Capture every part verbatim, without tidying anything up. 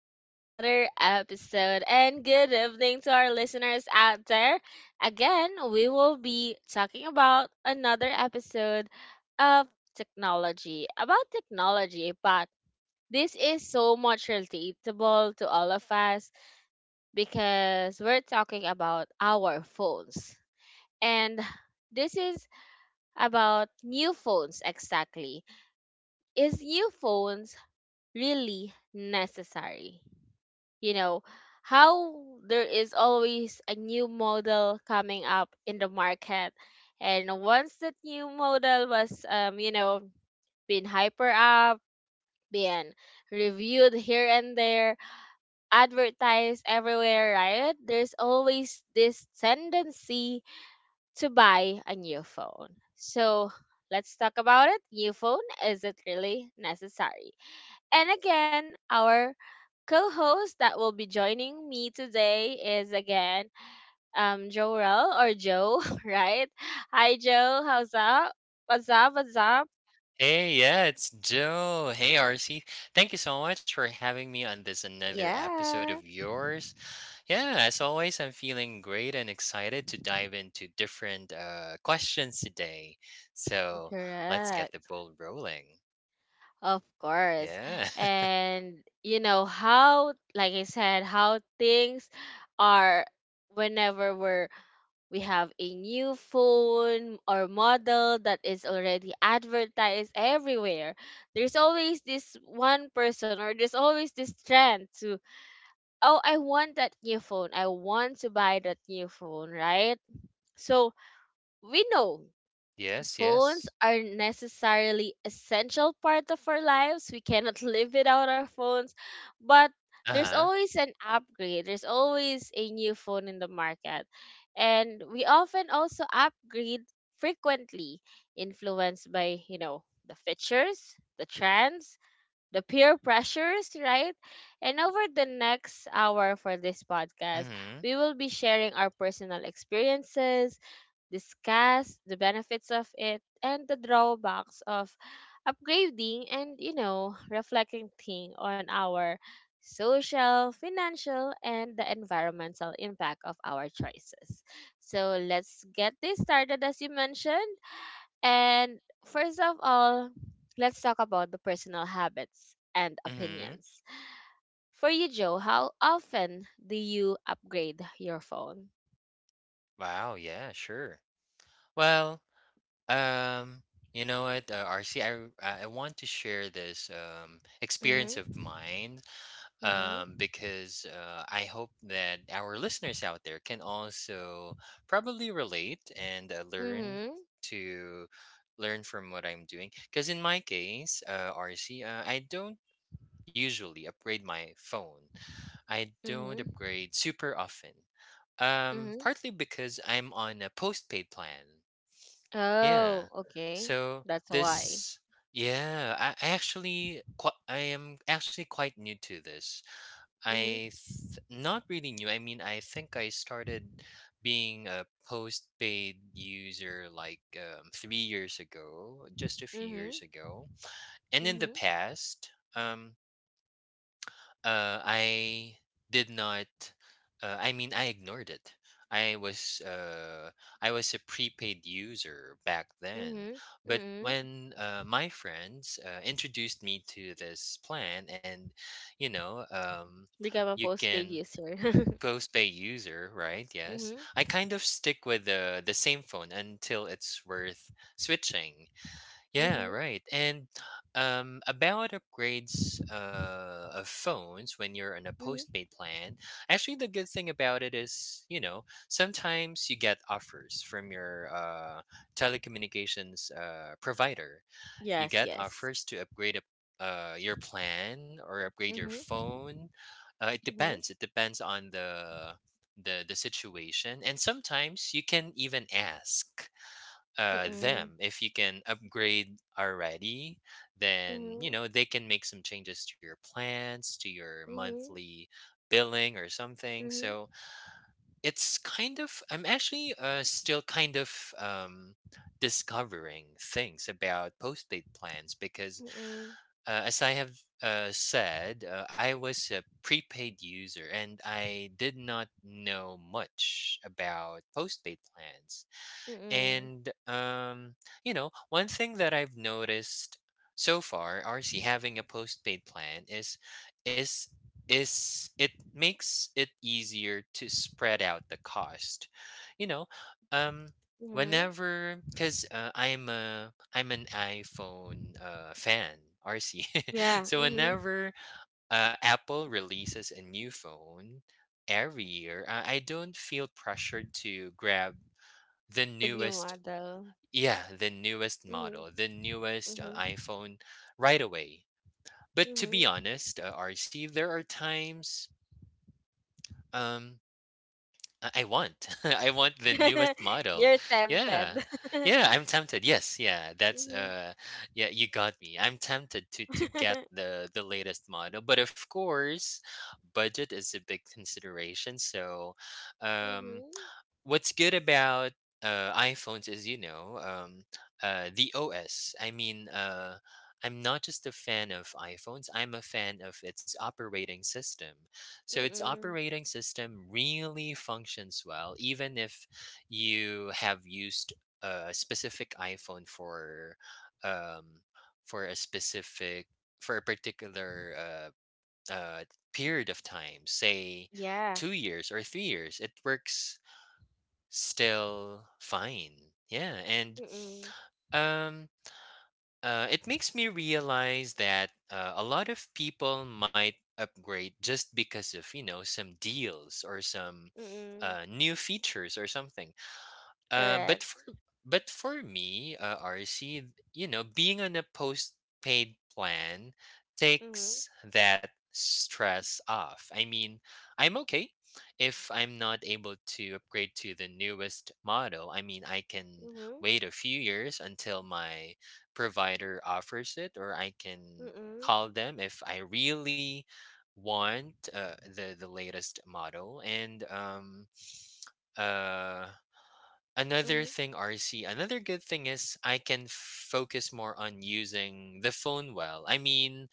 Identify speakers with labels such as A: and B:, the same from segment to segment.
A: to another episode, and good evening to our listeners out there. Again, we will be talking about another episode of technology, about technology, but this is so much relatable to all of us because we're talking about our phones. And this is about new phones exactly. Is new phones really necessary? You know how there is always a new model coming up in the market, and once that new model was, um you know been hyper up, been reviewed here and there, advertised everywhere, right? There's always this tendency to buy a new phone. So let's talk about it. New phone, is it really necessary? And again, our co host that will be joining me today is, again, um, Jorel or Joe, right? Hi, Joe. How's up? What's up? What's up?
B: Hey, yeah, it's Joe. Hey, R C. Thank you so much for having me on this another episode
A: Yeah,
B: of yours. Yeah, as always, I'm feeling great and excited to dive into different uh, questions today. So let's get the
A: correct.
B: ball rolling.
A: Of course.
B: Yeah.
A: And, you know, how, like I said, how things are whenever we're we have a new phone or model that is already advertised everywhere. There's always this one person, or there's always this trend to, oh, I want that new phone. I want to buy that new phone, right? So we know
B: Yes,
A: phones
B: yes.
A: are necessarily essential part of our lives. We cannot live without our phones, but
B: Uh
A: there's
B: huh.
A: always an upgrade. There's always a new phone in the market. And we often also upgrade frequently, influenced by, you know, the features, the trends, the peer pressures, right? And over the next hour for this
B: Mm
A: podcast,
B: hmm.
A: we will be sharing our personal experiences, discuss the benefits of it and the drawbacks of upgrading, and you know reflecting on our social, financial and the environmental impact of our choices. So let's get this started, as you mentioned. And first of all, let's talk about the personal habits and
B: Mm hmm.
A: opinions. For you, Joe, how often do you upgrade your phone?
B: Wow. Yeah, sure. Well, um, you know what, uh, R C, I I I want to share this um, experience of
A: Mm-hmm,
B: mine, um,
A: mm-hmm,
B: because uh, I hope that our listeners out there can also probably relate and uh, learn
A: mm-hmm,
B: to learn from what I'm doing. Because in my case, uh, R C, uh, I don't usually upgrade my phone. I don't
A: mm-hmm.
B: upgrade super often. Um,
A: Mm-hmm.
B: partly because I'm on a postpaid plan.
A: Oh,
B: Yeah.
A: okay.
B: So
A: That's why.
B: this, yeah, I, I actually, qui- I am actually quite new to this.
A: Mm-hmm.
B: I th- not really new. I mean, I think I started being a postpaid user like, um, three years ago, just a few
A: Mm-hmm.
B: years ago. And in the
A: Mm-hmm.
B: past, um, uh, I did not. Uh, I mean, I ignored it. I was, uh, I was a prepaid user back then,
A: Mm-hmm.
B: but
A: Mm-hmm.
B: when uh, my friends uh, introduced me to this plan, and, you know, um,
A: Become a
B: you
A: postpaid
B: can
A: user.
B: Goes by user, right? Yes.
A: Mm-hmm.
B: I kind of stick with the the same phone until it's worth switching. Yeah,
A: Mm-hmm.
B: right. And um about upgrades uh of phones when you're on a
A: Mm-hmm.
B: postpaid plan, actually the good thing about it is, you know, sometimes you get offers from your uh telecommunications uh provider. You
A: Yes,
B: get
A: yes.
B: offers to upgrade, a, uh, your plan or upgrade your
A: Mm-hmm.
B: phone. Uh, it
A: Mm-hmm.
B: depends. It depends on the the the situation, and sometimes you can even ask uh,
A: Mm-mm.
B: them if you can upgrade already. Then, you
A: Mm-hmm.
B: know, they can make some changes to your plans, to your
A: Mm-hmm.
B: monthly billing or something.
A: Mm-hmm.
B: So it's kind of, I'm actually uh, still kind of um, discovering things about postpaid plans, because
A: Mm-mm.
B: uh, as I have uh, said, uh, I was a prepaid user and I did not know much about postpaid plans.
A: Mm-mm.
B: And, um, you know, one thing that I've noticed so far, R C, having a postpaid plan is, is is it makes it easier to spread out the cost. You know, um
A: Mm-hmm.
B: whenever, cuz, uh, I'm a I'm an iPhone uh fan, R C.
A: Yeah.
B: So
A: Mm-hmm.
B: whenever uh, Apple releases a new phone every year, I I don't feel pressured to grab the
A: The new
B: newest
A: model.
B: yeah, the newest
A: Mm-hmm.
B: model, the newest uh,
A: Mm-hmm.
B: iPhone right away. But to be honest, uh, R C, there are times, um I I want I want the
A: Mm-hmm.
B: newest model.
A: You're
B: Yeah.
A: tempted.
B: Yeah, I'm tempted. Yes, yeah. That's,
A: Mm-hmm.
B: uh yeah, you got me. I'm tempted to to get the the latest model, but of course, budget is a big consideration. So, um
A: Mm-hmm.
B: what's good about uh, iPhones is, you know, um, uh, the O S. I mean, uh, I'm not just a fan of iPhones. I'm a fan of its operating system. So its
A: Mm-mm.
B: operating system really functions well, even if you have used a specific iPhone for, um, for a specific for a particular uh, uh, period of time, say
A: Yeah.
B: two years or three years. It works still fine. Yeah, and,
A: Mm-mm.
B: um, uh, it makes me realize that uh, a lot of people might upgrade just because of, you know, some deals or some
A: Mm-mm.
B: uh, new features or something. Uh, but for
A: Correct.
B: but for me, uh, R C, you know, being on a post-paid plan
A: Mm-hmm.
B: takes that stress off. I mean, I'm okay if I'm not able to upgrade to the newest model. I mean, I can
A: Mm-hmm.
B: wait a few years until my provider offers it, or I can
A: Mm-mm.
B: call them if I really want uh, the the latest model. And, um, uh another
A: Mm-hmm.
B: thing, R C, another good thing is I can focus more on using the phone well. I mean,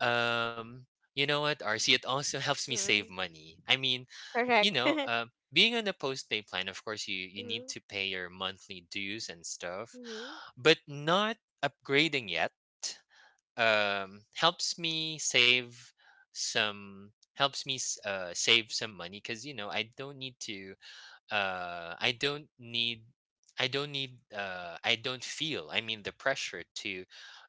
B: um, you know what, R C, it also helps me save
A: Mm-mm.
B: money. I mean, you
A: Correct.
B: know, uh, being on a post-pay plan, of course, you, you need
A: Mm-hmm.
B: to pay your monthly dues and stuff,
A: Mm-hmm.
B: but not upgrading yet, um, helps me save some helps me s- uh, save some money, because, you know, I don't need to uh i don't need i don't need uh I don't feel, I mean, the pressure to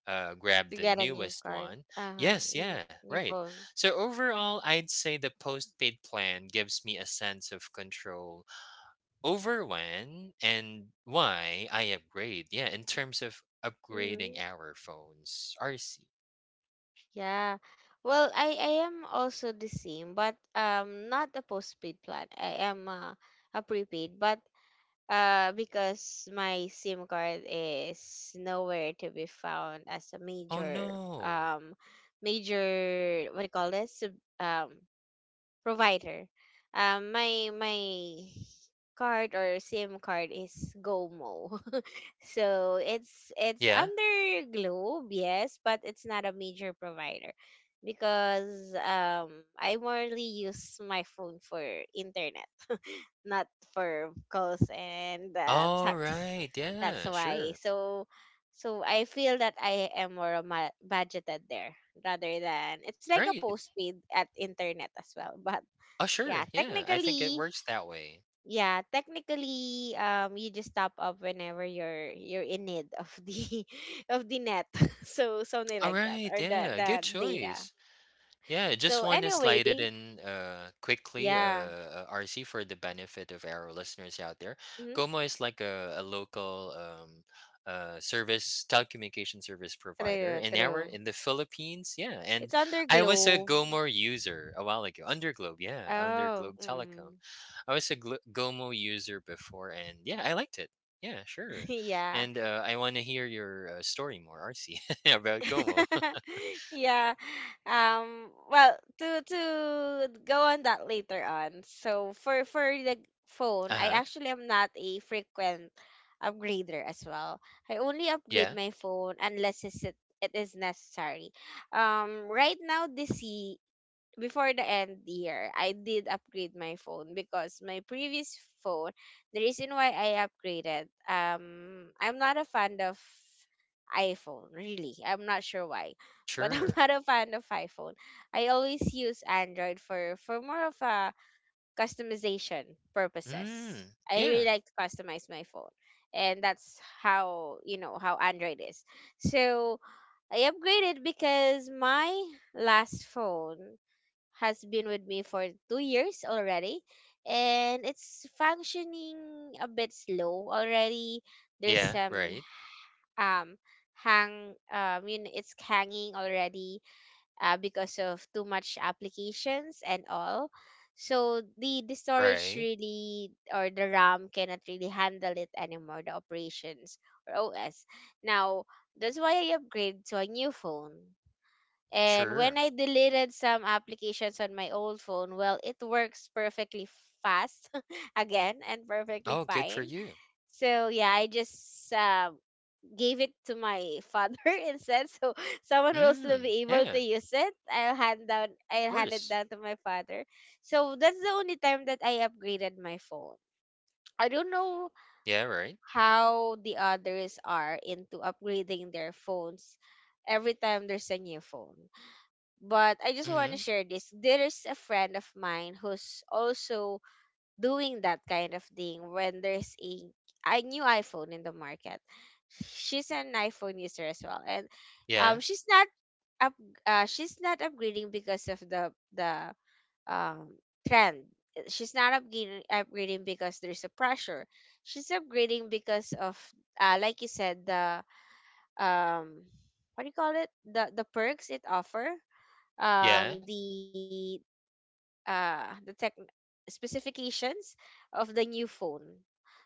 B: uh grab
A: To
B: the
A: get a new
B: newest
A: card.
B: one.
A: Uh-huh.
B: Yes,
A: Mm,
B: yeah,
A: new
B: right.
A: phone.
B: So overall, I'd say the postpaid plan gives me a sense of control over when and why I upgrade, yeah, in terms of upgrading
A: Mm-hmm.
B: our phones, RC.
A: Yeah. Well, I I am also the same, but um not a postpaid plan. I am uh, a prepaid, but uh because my SIM card is nowhere to be found as a
B: Oh
A: major,
B: no.
A: um major, what do you call this, Sub- um provider. Um, my my card or SIM card is GOMO. So it's it's
B: Yeah.
A: under Globe, yes, but it's not a major provider, because um I mostly use my phone for internet, not for calls and uh,
B: All
A: texts.
B: right,
A: That's
B: yeah,
A: why.
B: sure.
A: So so I feel that I am more ma- budgeted there, rather than it's like a
B: Right.
A: postpaid at internet as well, but
B: Oh
A: yeah,
B: sure, yeah, I think it
A: technically,
B: works that way.
A: yeah, technically, um, you just top up whenever you're you're in need of the of the net, so something
B: All
A: like that,
B: right,
A: or the
B: yeah,
A: the
B: good
A: data.
B: choice. Yeah, just
A: So
B: want to slide
A: anyway,
B: it in uh quickly, uh,
A: yeah,
B: uh R C, for the benefit of our listeners out there.
A: mm-hmm.
B: Como is like a, a local um uh service telecommunication service provider
A: True,
B: in our
A: true.
B: in the Philippines. Yeah,
A: It's
B: and
A: under
B: I was a
A: Globe.
B: Gomo user a while ago. Underglobe, yeah,
A: Oh,
B: Underglobe Telecom.
A: mm.
B: I was a Glo- Gomo user before, and yeah, I liked it. Yeah, sure.
A: Yeah.
B: And uh, I want to hear your uh, story more, R C, about Gomo.
A: Yeah. Um well, to to go on that later on. So for for the phone, I
B: Uh-huh.
A: actually am not a frequent upgrader as well. I only upgrade
B: Yeah.
A: my phone unless it's it, it is necessary. Um right now, this ye- before the end year, I did upgrade my phone. Because my previous phone, the reason why I upgraded, um, I'm not a fan of iPhone, really. I'm not sure why, but I'm
B: Sure.
A: not a fan of iPhone. I always use Android for for more of a customization purposes.
B: Mm.
A: I really
B: Yeah.
A: like to customize my phone. And that's how, you know, how Android is. So I upgraded because my last phone has been with me for two years already, and it's functioning a bit slow already. There's
B: Yeah.
A: some,
B: Right.
A: um hang, um you know, it's hanging already, uh, because of too much applications and all. So the the storage
B: Right.
A: really, or the RAM, cannot really handle it anymore, the operations or OS now. That's why I upgrade to a new phone. And when
B: Sure.
A: I deleted some applications on my old phone, well, it works perfectly fast again and perfectly
B: Oh, good
A: fine.
B: for you.
A: So yeah, I just uh, gave it to my father instead. So someone will still be
B: Mm.
A: able to
B: Yeah.
A: use it. I'll hand down,
B: Of
A: I'll hand it
B: course.
A: down to my father. So that's the only time that I upgraded my phone. I don't know
B: Yeah. Right.
A: how the others are into upgrading their phones every time there's a new phone, but I just want to
B: Mm-hmm.
A: share this. There's a friend of mine who's also doing that kind of thing when there's a, a new iPhone in the market. She's an iPhone user as well, and um,
B: Yeah.
A: she's not up, uh, she's not upgrading because of the the um trend. She's not upgrading upgrading because there's a pressure. She's upgrading because of, uh, like you said, the, um, what do you call it? The the perks it offer, um
B: Yeah.
A: the uh the tech specifications of the new phone.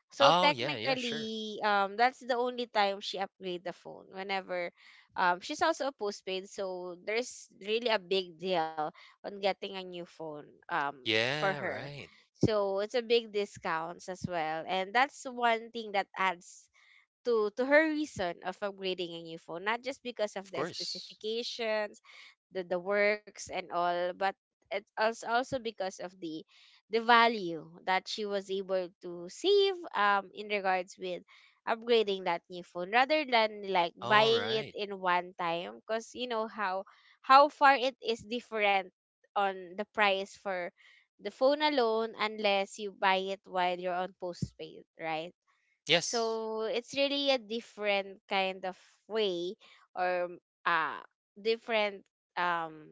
A: So
B: Oh, yeah. Yeah. Sure.
A: technically, um, that's the only time she upgrade the phone. Whenever, um, she's also a postpaid, so there's really a big deal on getting a new phone, um, for
B: Yeah.
A: her.
B: Right.
A: So it's a big discounts as well, and that's one thing that adds to to her reason of upgrading a new phone, not just because of
B: Of
A: the
B: course.
A: specifications, the the works and all, but it's als- also because of the the value that she was able to save, um in regards with upgrading that new phone, rather than like
B: All
A: buying it
B: right.
A: in one time, because you know how how far it is different on the price for the phone alone, unless you buy it while you're on postpaid, right?
B: Yes.
A: So it's really a different kind of way, or uh different, um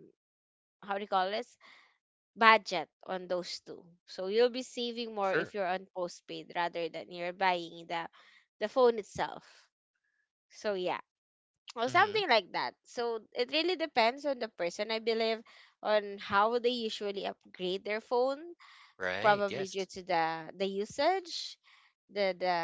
A: how do you call this, budget on those two. So you'll be saving more if
B: Sure.
A: you're on postpaid, rather than you're buying the the phone itself. So yeah. Or
B: Mm-hmm.
A: something like that. So it really depends on the person, I believe, on how they usually upgrade their phone,
B: Right.
A: probably due
B: Yes.
A: to the the usage, the the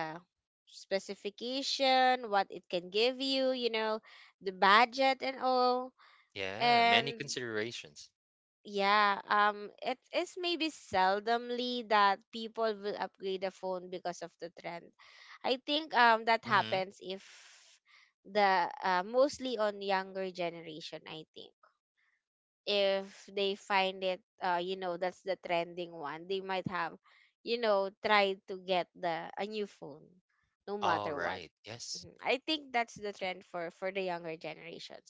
A: specification, what it can give you, you know, the budget and all.
B: Yeah. Many
A: And
B: considerations.
A: yeah, um it is maybe seldomly that people will upgrade a phone because of the trend. I think um that
B: Mm-hmm.
A: happens if the uh, mostly on younger generation, I think. If they find it, uh you know, that's the trending one, they might have, you know, try to get the a new phone no
B: All
A: matter what.
B: right. Yes.
A: Mhm. I think that's the trend for for the younger generations.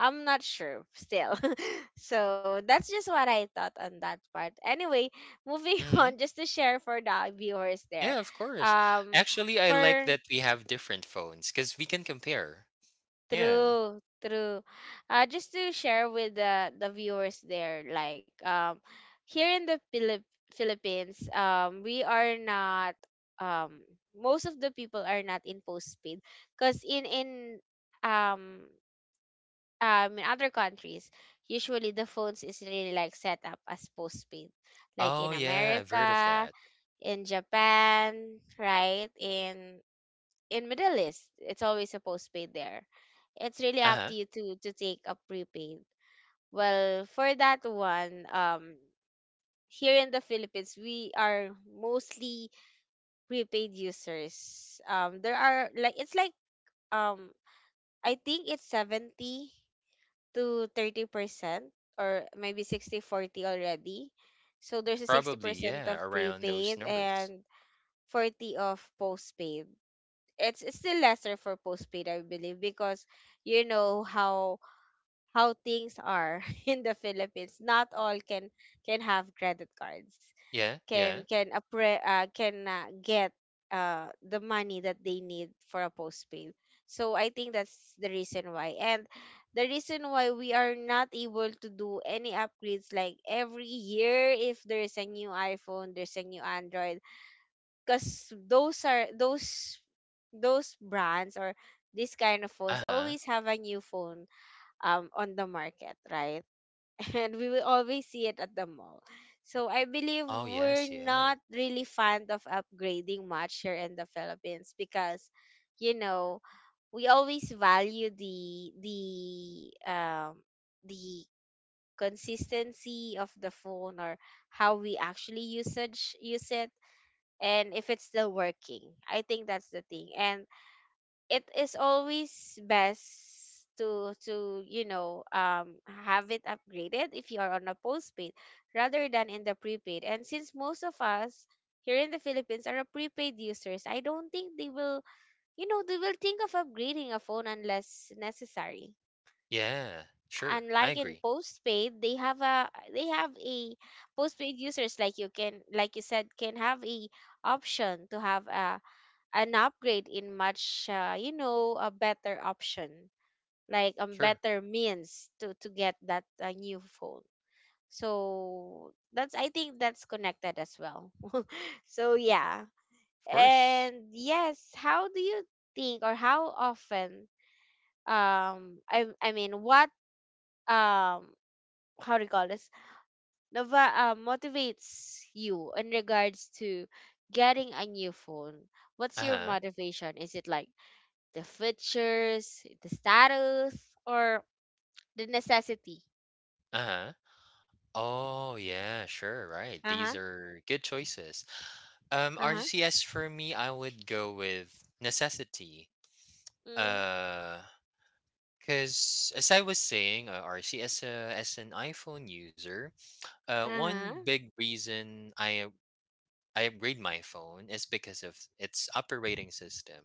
A: I'm not sure still. So that's just what I thought on that part. Anyway, moving
B: Mm-hmm.
A: on, just to share for the viewers there.
B: Yeah. Of course.
A: Um,
B: Actually, I like
A: for
B: that we have different phones because we can compare. Yeah.
A: true, true. Uh, just to share with the the viewers there, like, um, here in the Philip Philippines, um, we are not um most of the people are not in postpaid, because in in um um in other countries usually the phones is really like set up as postpaid, like
B: Oh,
A: in
B: yeah, I've heard of
A: America,
B: that.
A: in Japan, right, in in Middle East, it's always a postpaid there. It's really up to
B: Uh-huh.
A: you to to take a prepaid. Well, for that one, um here in the Philippines we are mostly prepaid users. Um there are like it's like um i think it's seventy to thirty percent, or maybe sixty forty already. So there's a
B: Probably,
A: sixty percent
B: yeah,
A: of
B: around those
A: prepaid
B: numbers.
A: and forty of postpaid. It's, it's still lesser for postpaid, I believe, because you know how how things are in the Philippines. Not all can can have credit cards,
B: Yeah,
A: can
B: yeah.
A: can appre- uh, can uh, get uh, the money that they need for a postpaid. So I think that's the reason why. And the reason why we are not able to do any upgrades, like every year if there is a new iPhone, there's a new Android, because those are those those brands, or this kind of phones
B: Uh-huh.
A: always have a new phone, um on the market, right? And we will always see it at the mall. So I believe
B: Oh,
A: we're
B: yes, yeah.
A: not really fond of upgrading much here in the Philippines because, you know, we always value the the um the consistency of the phone, or how we actually usage use it, and if it's still working. I think that's the thing. And it is always best to to you know um have it upgraded if you are on a postpaid rather than in the prepaid. And since most of us here in the Philippines are a prepaid users, I don't think they will, you know they will think of upgrading a phone unless necessary.
B: Yeah, sure. I
A: Unlike in
B: agree.
A: postpaid, they have a they have a postpaid users like you can, like you said, can have a option to have a an upgrade in much uh, you know, a better option, like a
B: Sure.
A: better means to to get that uh, new phone. So that's, I think that's connected as well. So yeah.
B: Of course.
A: And yes, how do you think or how often, um i i mean, what, um how do you call this, Nova, uh, motivates you in regards to getting a new phone? What's your
B: Uh-huh.
A: motivation? Is it like the features, the status, or the necessity?
B: Uh-huh. Oh, yeah, sure, right.
A: Uh
B: These
A: huh.
B: are good choices. Um,
A: Uh huh.
B: R C S for me, I would go with necessity.
A: Mm.
B: Uh, because as I was saying, uh, R C S, uh, as an iPhone user, uh,
A: Uh
B: one
A: huh.
B: big reason I I upgrade my phone is because of its operating system.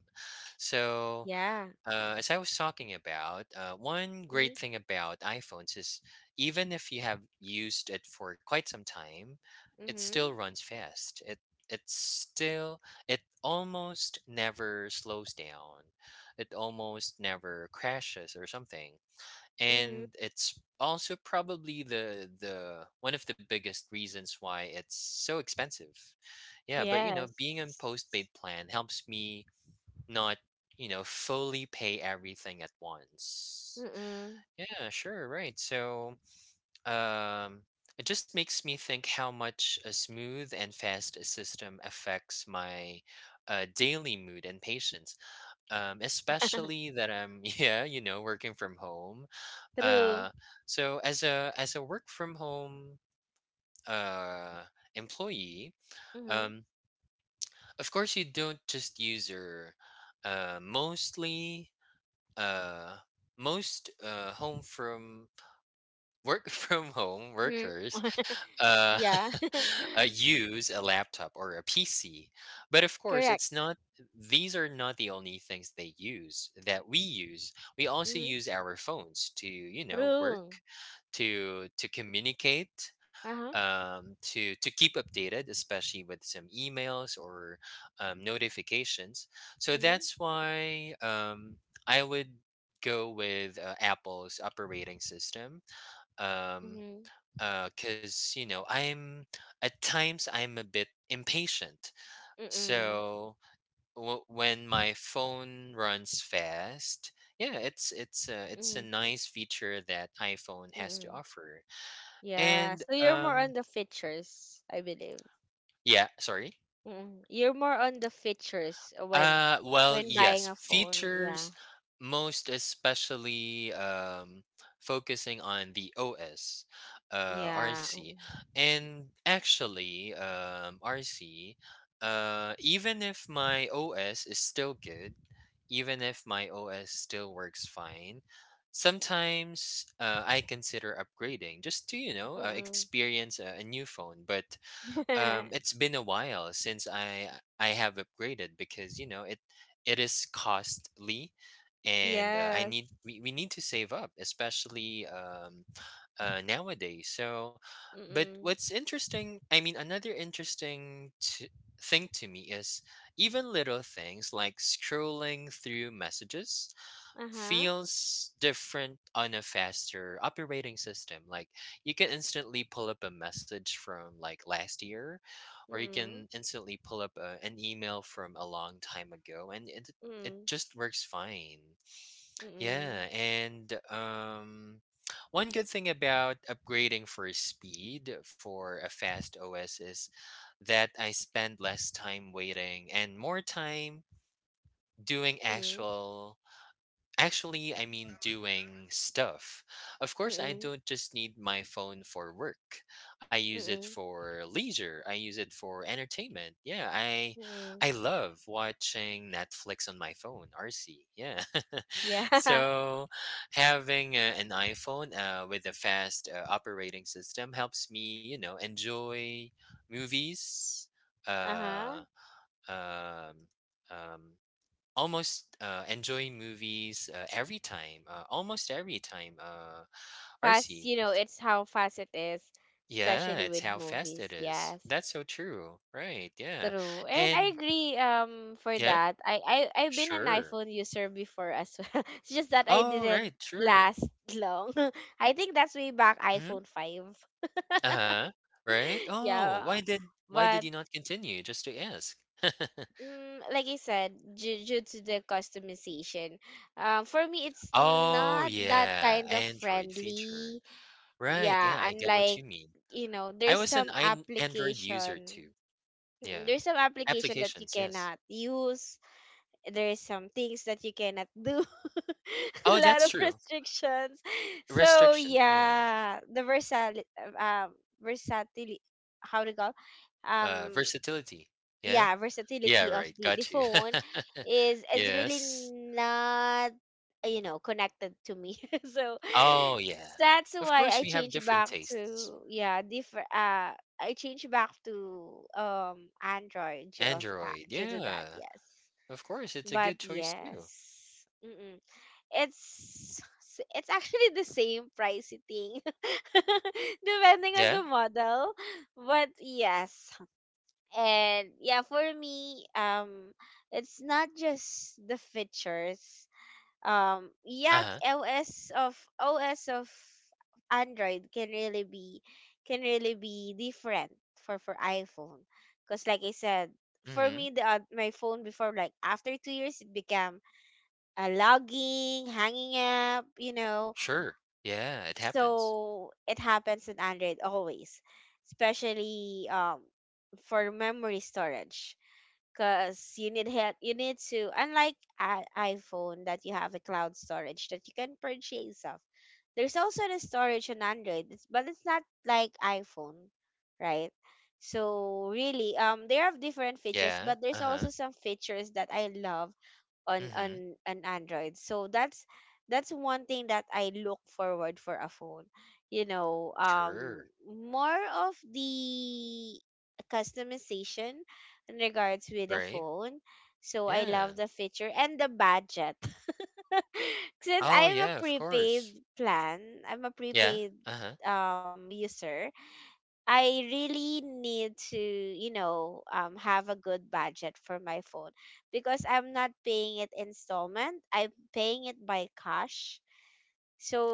B: So,
A: Yeah.
B: uh, as I was talking about, uh, one
A: Mm.
B: great thing about iPhones is, even if you have used it for quite some time, it still
A: Mm.
B: runs fast. It it's still It almost never slows down. It almost never crashes or something.
A: Mm.
B: And it's also probably the the one of the biggest reasons why it's so expensive. Yeah, but, you know,
A: Yes.
B: being on postpaid plan helps me not, you know, fully pay everything at once.
A: Mm.
B: Yeah, sure, right. So, um, it just makes me think how much a smooth and fast system affects my uh, daily mood and patience. Um, especially that I'm, yeah, you know, working from home.
A: True.
B: Uh, so as a as a work from home uh employee,
A: Mm.
B: um, of course you don't just use your, uh, mostly uh, most uh, home from work from home
A: Mm.
B: workers, uh,
A: Yeah.
B: uh, use a laptop or a P C. But of course,
A: Correct.
B: it's not, these are not the only things they use, that we use. We also
A: Mm.
B: use our phones to, you know,
A: True.
B: work, to, to communicate,
A: Uh huh.
B: um to to keep updated, especially with some emails or, um, notifications. So
A: Mm.
B: that's why, um I would go with uh, Apple's operating system, um
A: Mm.
B: because, you know, I'm, at times I'm a bit impatient.
A: Mm.
B: So w- when my phone runs fast, yeah, it's it's a, it's a
A: Mm.
B: nice feature that iPhone has to
A: Mm.
B: offer.
A: Yeah.
B: And,
A: So you're more
B: um
A: on the features, I believe.
B: yeah, sorry.
A: Mm. You're more on the features when
B: Uh, well,
A: when buying
B: yes,
A: a phone. Yeah.
B: features, most especially um, focusing on the O S, uh,
A: Yeah.
B: R C. And actually, um, RC, uh, even if my O S is still good, even if my O S still works fine, sometimes uh, I consider upgrading just to, you know, uh,
A: Mm-mm.
B: experience a, a new phone, but um it's been a while since i i have upgraded, because, you know, it it is costly, and, uh, i
A: Yes.
B: need we, we need to save up, especially um uh nowadays. So, but
A: Mm-mm.
B: what's interesting, I mean, another interesting t- thing to me is, even little things like scrolling through messages
A: Uh-huh.
B: feels different on a faster operating system. Like, you can instantly pull up a message from like last year, or you
A: Mm-mm.
B: can instantly pull up a, an email from a long time ago, and it it just works fine.
A: Mm-mm.
B: Yeah, and um. One good thing about upgrading for speed for a fast O S is that I spend less time waiting and more time doing
A: Mm-mm. Mm-mm.
B: actual actually, I mean, doing stuff. Of course, I
A: Mm-mm.
B: don't just need my phone for work. I use it
A: Mm-mm.
B: for leisure. I use it for entertainment. Yeah, I
A: Mm-mm.
B: I love watching Netflix on my phone, R C. Yeah.
A: Yeah.
B: So, having a, an iPhone uh, with a fast uh, operating system helps me, you know, enjoy movies, uh
A: Uh-huh.
B: um um almost uh, enjoying movies uh, every time, uh, almost every time. Uh,
A: Fast,
B: R C,
A: you know, it's how fast it is,
B: yeah,
A: especially
B: it's how
A: with
B: fast it
A: movies.
B: is.
A: Yes.
B: That's so true, right? Yeah,
A: True. And I
B: and
A: agree um for
B: yeah,
A: that. I I I've been an
B: sure.
A: iPhone user before as well. It's just that I
B: Oh,
A: didn't
B: right, sure.
A: last long. I think that's way back
B: Mm-hmm.
A: iPhone five.
B: Uh huh. Right. Oh, why
A: Yeah.
B: did why
A: But
B: did you not continue? Just to ask.
A: mm, like I said, due, due to the customization, um for me it's
B: Oh
A: not that
B: yeah,
A: kind of
B: Android feature.
A: friendly.
B: Right.
A: Yeah,
B: Yeah, I get what
A: unlike,
B: you mean.
A: you know,
B: I
A: there's
B: was an
A: some
B: ein- Android user
A: application.
B: too.
A: Mm.
B: Yeah,
A: There's some application that you
B: applications. Yes.
A: cannot use, there's some things that you cannot do. A
B: Oh,
A: lot
B: that's
A: of
B: true.
A: restrictions. So
B: Restrictions, yeah.
A: yeah, the versal um versatility, how to go,
B: Uh,
A: um
B: versatility. Yeah?
A: yeah,
B: Yeah,
A: versatility of
B: right.
A: the, the
B: Got you.
A: phone is is really
B: Yes.
A: not uh, you know, connected to me. So
B: Oh, yeah.
A: that's
B: Of
A: why
B: course,
A: I
B: we have
A: changed
B: different
A: back
B: tastes.
A: to, yeah, different uh I changed back to um Android due of that,
B: Android,
A: due to that,
B: yeah.
A: yes.
B: Of course, it's a
A: But
B: good choice too.
A: yes. Mm-mm. It's it's actually the same pricey thing depending on
B: Yeah.
A: the model. But yes. And yeah, for me, um it's not just the features. Um yeah,
B: Uh-huh.
A: O S of O S of Android can really be can really be different for for iPhone. Cuz like I said, for
B: Mm-hmm.
A: me the oth- my phone before, like after two years, it became uh, logging, hanging up, you know.
B: Sure. Yeah, it happens.
A: So it happens in Android always, especially um, for memory storage. Because you need help, you need to, unlike a iPhone that you have a cloud storage that you can purchase of. There's also the storage on Android, it's- but it's not like iPhone, right? So really, um, there are different features,
B: Yeah.
A: but there's
B: Uh-huh.
A: also some features that I love on
B: Mm-hmm.
A: on an Android. So that's that's one thing that I look forward for a phone. You know, um,
B: Sure.
A: more of the customization in regards with the
B: Right?
A: phone. So I
B: Yeah.
A: love the feature and the budget. Since
B: Oh,
A: I am a
B: yeah, of
A: prepaid
B: course.
A: plan, I'm a
B: Yeah.
A: prepaid
B: Uh-huh.
A: um user, I really need to, you know, um, have a good budget for my phone, because I'm not paying it installment. I'm paying it by cash.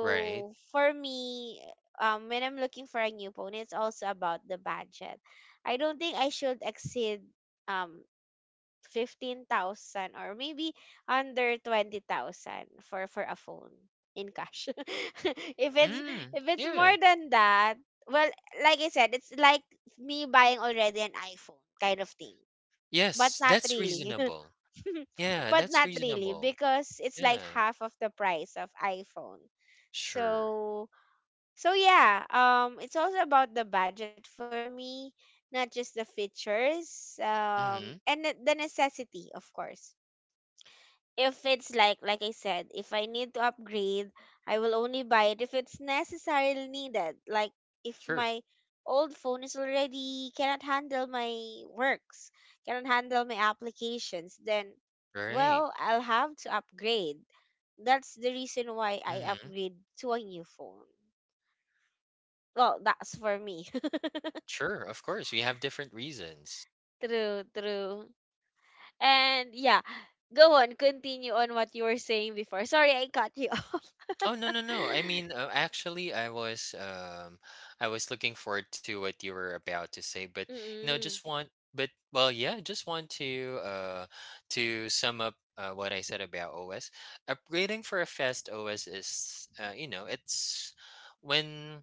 B: Right.
A: for me, um, when I'm looking for a new phone, it's also about the budget. I don't think I should exceed um fifteen thousand, or maybe under twenty thousand for for a phone in cash. If it's
B: Mm.
A: if it's more
B: Yeah.
A: than that, well, like I said, it's like me buying already an iPhone kind of thing. But
B: Yes,
A: not
B: that's
A: really.
B: reasonable. Yeah,
A: But
B: that's
A: not really,
B: reasonable.
A: because it's like
B: Yeah,
A: half of the price of iPhone.
B: sure.
A: So so yeah, um, it's also about the budget for me, not just the features, um,
B: Mm-hmm.
A: and the the necessity, of course. If it's like like I said, if I need to upgrade, I will only buy it if it's necessarily needed. Like if
B: Sure.
A: my old phone is already cannot handle my works, cannot handle my applications, then
B: Right.
A: well, I'll have to upgrade. That's the reason why I
B: Mm-hmm.
A: upgrade to a new phone. Well, that's for me.
B: Sure. Of course, we have different reasons.
A: True, true. And yeah, go on, continue on what you were saying before. Sorry, I cut you off.
B: Oh no no no! I mean, uh, actually, I was um, I was looking forward to what you were about to say, but you know,
A: Mm-mm.
B: just want, but well, yeah, just want to uh, to sum up uh, what I said about O S. Upgrading for a fast O S is, uh, you know, it's when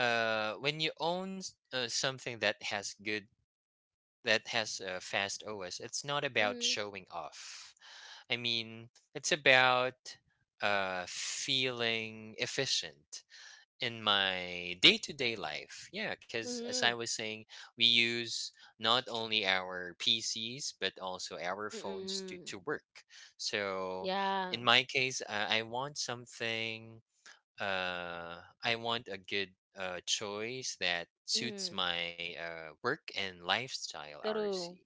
B: uh when you own s- uh, something that has good that has a fast O S, it's not about
A: Mhm.
B: showing off. I mean, it's about uh, feeling efficient in my day to day life. Yeah, because as I
A: Mhm.
B: was saying, we use not only our P Cs, but also our phones to,
A: Mm.
B: to work. So
A: Yeah.
B: in my case, uh, I want something uh, I want a good uh, choice that suits
A: Mhm.
B: my uh, work and lifestyle
A: True.
B: R C.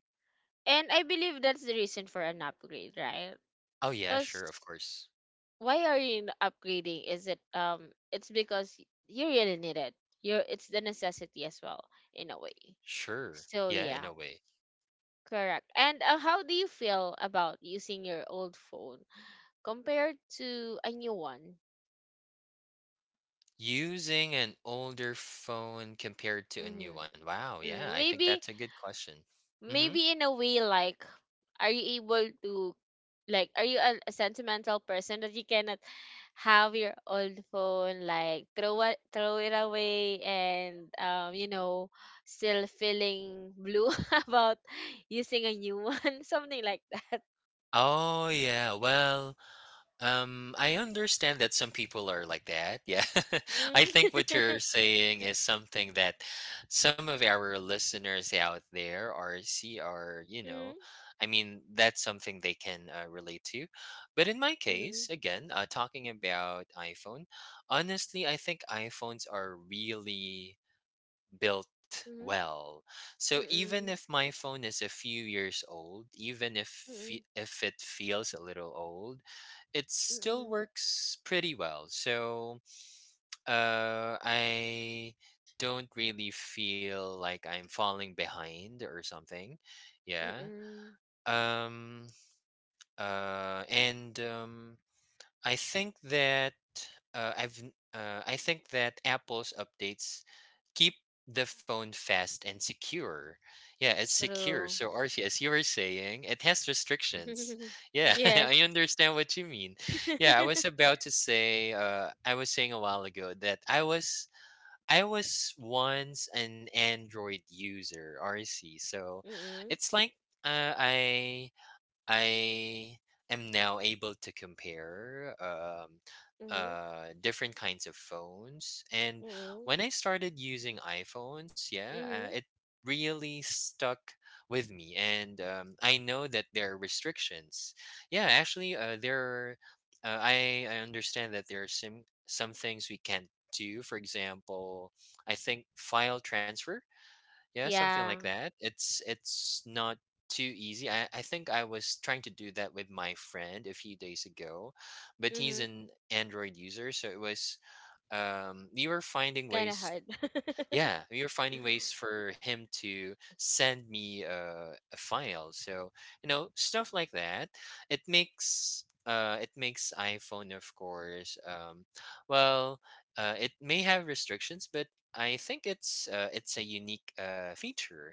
A: And I believe that's the reason for an upgrade, right?
B: Oh, yeah,
A: Because
B: sure, of course.
A: why are you n- upgrading? Is it um? It's because y- you really need it. You're it's the necessity as well, in a way.
B: Sure.
A: So
B: Yeah, in
A: yeah,
B: a way.
A: correct. And uh, how do you feel about using your old phone compared to a new one?
B: Using an older phone compared to a new one.
A: Mm-hmm.
B: Wow, yeah,
A: Mm,
B: I think that's
A: maybe
B: a good question. Mm-hmm.
A: maybe in a way, like, are you able to, like, are you a, a sentimental person that you cannot have your old phone, like, throw it throw it away and um, you know, still feeling blue about using a new one, something like that.
B: Oh, yeah, well, Um, I understand that some people are like that. Yeah. I
A: Mm.
B: think what you're saying is something that some of our listeners out there are see are, you
A: Mm.
B: know, I mean, that's something they can uh, relate to. But in my
A: Mm.
B: case, again, uh, talking about iPhone, honestly, I think iPhones are really built
A: Mm.
B: well. So even
A: Mm.
B: if my phone is a few years old, even if fe-
A: Mm.
B: if it feels a little old, it still
A: Mm.
B: works pretty well. So uh, I don't really feel like I'm falling behind or something.
A: Mm.
B: Yeah.
A: Mm.
B: Um. Uh. And um I think that uh, I've n- uh, I think that Apple's updates keep the phone fast and secure. Yeah, it's secure.
A: True.
B: So R C, as you were saying, it has restrictions. Yeah, I
A: Yes.
B: understand what you mean. Yeah, I was about to say uh, I was saying a while ago that I was I was once an Android user, R C. So
A: Mm.
B: it's like uh, I I am now able to compare um,
A: Mm.
B: uh, different kinds of phones. And
A: Mm.
B: when I started using iPhones, yeah, uh,
A: Mm.
B: it really stuck with me. And um, I know that there are restrictions. Yeah, actually, uh, there are, uh, I, I understand that there are some, some things we can't do. For example, I think file transfer, yeah, something like
A: Yeah.
B: that. It's it's not too easy. I, I think I was trying to do that with my friend a few days ago, but he's
A: Mhm.
B: an Android user, so it was um we were
A: It's
B: finding
A: kind of
B: ways,
A: hard.
B: yeah, we were finding ways for him to send me uh, a file. So, you know, stuff like that. It makes uh it makes iPhone, of course. Um well, uh it may have restrictions, but I think it's uh, it's a unique uh, feature.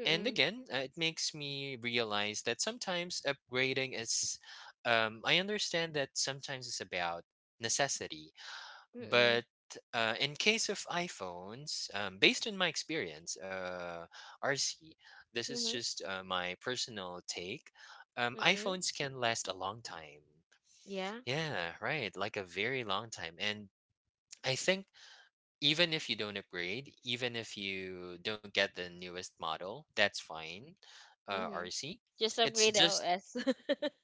B: And again, uh, it makes me realize that sometimes upgrading is, um, I understand that sometimes it's about necessity,
A: Mm-mm.
B: but uh, in case of iPhones, um, based on my experience, uh, R C, this is
A: Mhm.
B: just uh, my personal take. Um,
A: Mm-mm.
B: iPhones can last a long time.
A: Yeah.
B: Yeah, right, like a very long time, and I think even if you don't upgrade, even if you don't get the newest model, that's fine. Uh,
A: Mhm.
B: R C.
A: Just
B: It's
A: upgrade the
B: just,
A: O S.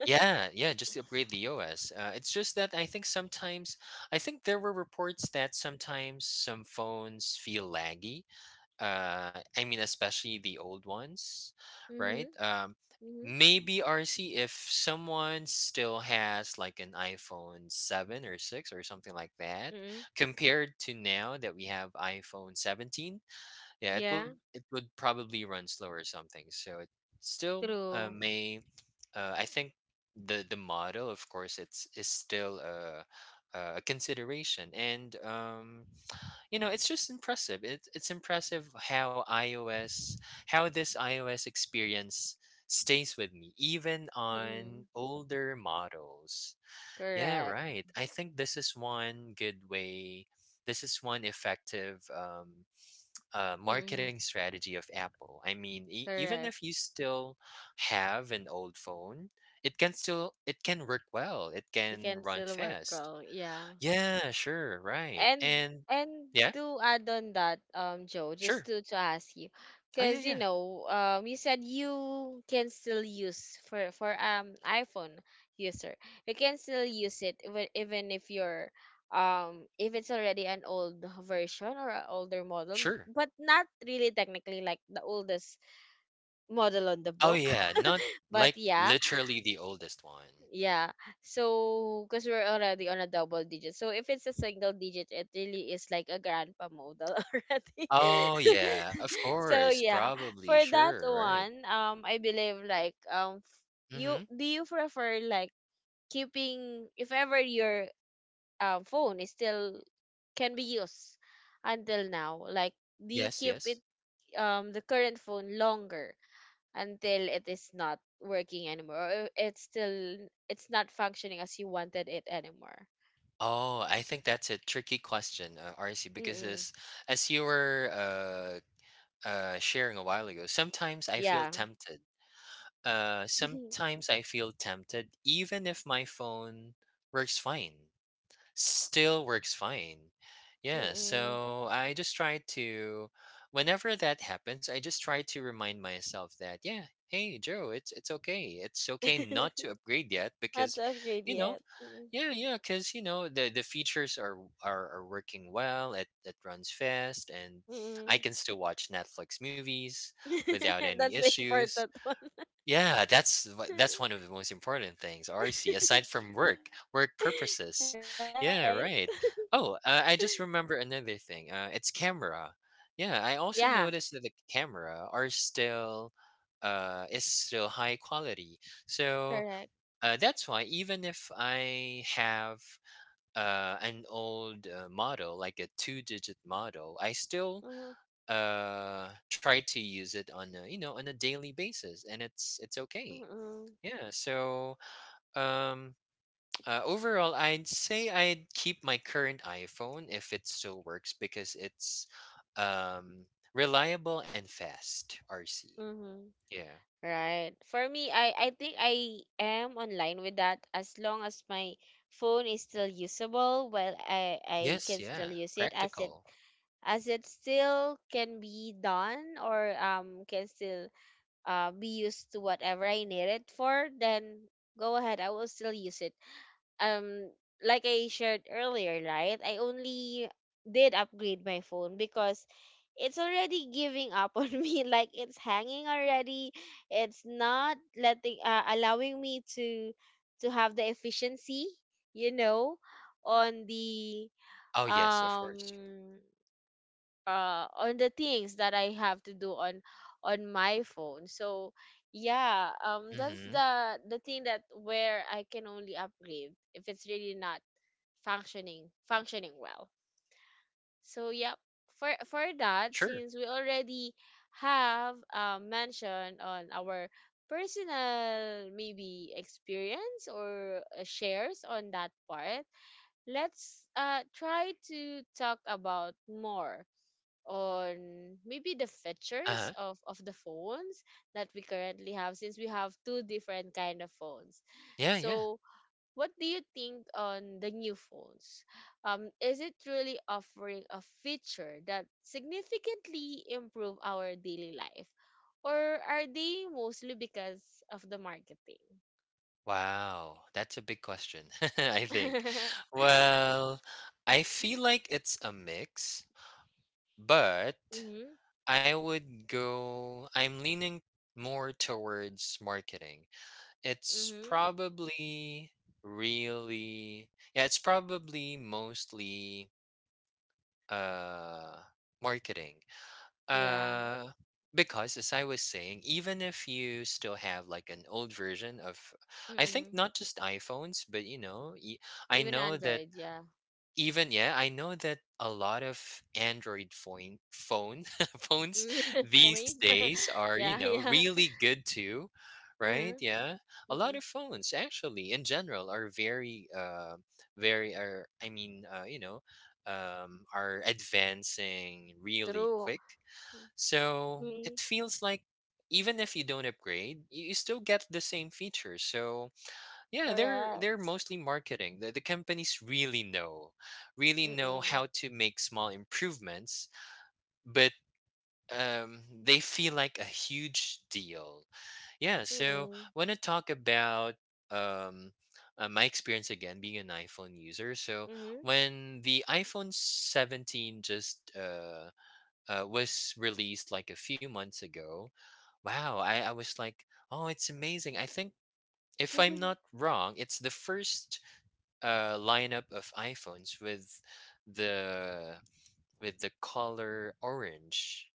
B: yeah, yeah, just to upgrade the O S. Uh, it's just that I think sometimes I think there were reports that sometimes some phones feel laggy. uh I mean, especially the old ones,
A: Mhm.
B: right? Um
A: Mhm.
B: maybe RC, if someone still has like an iPhone seven or six or something like that,
A: Mm-mm.
B: compared to now that we have iPhone seventeen. Yeah, it
A: Yeah.
B: would it would probably run slower or something. So it still uh,
A: True.
B: may. uh, I think the the model, of course, it's is still a a consideration. And um you know it's just impressive. It's it's impressive how ios how this iOS experience stays with me even
A: Mm-mm.
B: on older models. Yeah,
A: Correct.
B: right. I think this is one good way this is one effective um, uh,
A: Mm-mm.
B: marketing strategy of Apple. I mean, e- even
A: Correct.
B: if you still have an old phone, it can still it can work well, it
A: You
B: can
A: can
B: run
A: still work
B: fast.
A: all. Yeah.
B: Yeah, sure, right.
A: and
B: And
A: and
B: yeah,
A: to add on that, um, Joe, just
B: sure.
A: to to ask you,
B: Oh, yeah,
A: because you
B: yeah.
A: know, um, you said you can still use for for um iPhone user, you can still use it even even if you're um, if it's already an old version or an older model,
B: Sure.
A: but not really technically like the oldest model on the
B: Oh,
A: book.
B: yeah. Not like
A: But yeah.
B: literally the oldest one.
A: Yeah. So, because we're already on a double digit. So if it's a single digit, it really is like a grandpa model already.
B: Oh, yeah. Of
A: So,
B: course.
A: yeah.
B: Probably.
A: For that
B: Sure. Right.
A: one, um, I believe like um, f-
B: Mm-hmm.
A: you, do you prefer like keeping, if ever your um phone is still can be used until now, like, do you
B: Yes,
A: keep
B: yes.
A: it, um, the current phone longer until it is not working anymore, or it's still, it's not functioning as you wanted it anymore?
B: Oh, I think that's a tricky question, uh, R C, because
A: Mm.
B: as, as you were uh, uh, sharing a while ago, sometimes I feel
A: Yeah.
B: tempted. Uh, sometimes I feel tempted, even if my phone works fine. Still works fine. Yeah,
A: Mm.
B: so I just try to whenever that happens, I just try to remind myself that, yeah, hey Joe, it's it's okay. It's okay not to upgrade yet
A: Not
B: because,
A: to upgrade
B: you know,
A: yet. Mm.
B: yeah, yeah, because you know the the features are are, are working well. It it runs fast, and I
A: Mm.
B: can still watch Netflix movies without any
A: That's the
B: issues.
A: important one.
B: Yeah, that's wha- that's one of the most important things, R C, aside from work, work purposes.
A: Right.
B: Yeah, right. Oh, uh, I just remember another thing. Uh, it's camera. Yeah, I also
A: Yeah.
B: noticed that the camera are still uh is still high quality. So
A: Correct.
B: uh, that's why even if I have uh an old uh, model like a two digit model, I still
A: Mm-hmm.
B: uh try to use it on a, you know on a daily basis, and it's it's okay. Yeah, so um uh, overall I'd say I'd keep my current iPhone if it still works because it's um reliable and fast R C.
A: Mm-hmm.
B: Yeah.
A: Right. For me, I I think I am online with that. As long as my phone is still usable, well, I I
B: Yes,
A: can still
B: yeah.
A: use it as it
B: Practical.
A: as it still can be done, or um, can still uh, be used to whatever I need it for, then go ahead, I will still use it. Um, like I shared earlier, right? I only did upgrade my phone because it's already giving up on me, like it's hanging already, it's not letting uh, allowing me to to have the efficiency, you know, on the
B: Oh yes, of course.
A: um, uh, on the things that I have to do on on my phone. So yeah, um, that's
B: Mhm.
A: the the thing that where I can only upgrade if it's really not functioning functioning well. So yep, for for that,
B: Sure.
A: since we already have uh, mentioned on our personal maybe experience or uh, shares on that part, let's uh, try to talk about more on maybe the
B: Uh-huh.
A: features of of the phones that we currently have, since we have two different kind of phones.
B: Yeah, yeah.
A: So what do you think on the new phones? Um, is it really offering a feature that significantly improve our daily life, or are they mostly because of the marketing?
B: Wow. That's a big question. I think. Well, I feel like it's a mix, but
A: Mhm.
B: I would go, I'm leaning more towards marketing. It's
A: Mhm.
B: probably really, yeah, it's probably mostly uh marketing.
A: Yeah.
B: Uh because as I was saying, even if you still have like an old version of, I think
A: Mm.
B: not just iPhones, but you know, y- I
A: Even
B: know that
A: Android, yeah.
B: even yeah, I know that a lot of Android phone phone phones
A: Mm.
B: these
A: Points.
B: days are, you
A: Yeah,
B: know,
A: yeah.
B: really good too, right?
A: Uh-huh.
B: Yeah. A lot
A: Mm.
B: of phones actually in general are very uh very are I mean, uh, you know, um are advancing really
A: True.
B: quick. So, it
A: Mm.
B: feels like even if you don't upgrade, you, you still get the same features. So, yeah, they're they're
A: Correct.
B: mostly marketing. The, the companies really know, really know
A: Mm-mm.
B: how to make small improvements, but um, they feel like a huge deal. Yeah, so
A: Mm-mm.
B: I want to talk about um, uh, my experience again being an iPhone user. So
A: Mm-hmm.
B: when the iPhone seventeen just uh, uh, was released like a few months ago, wow, I, I was like, oh, it's amazing. I think if I'm not wrong, it's the first uh, lineup of iPhones with the with the color orange.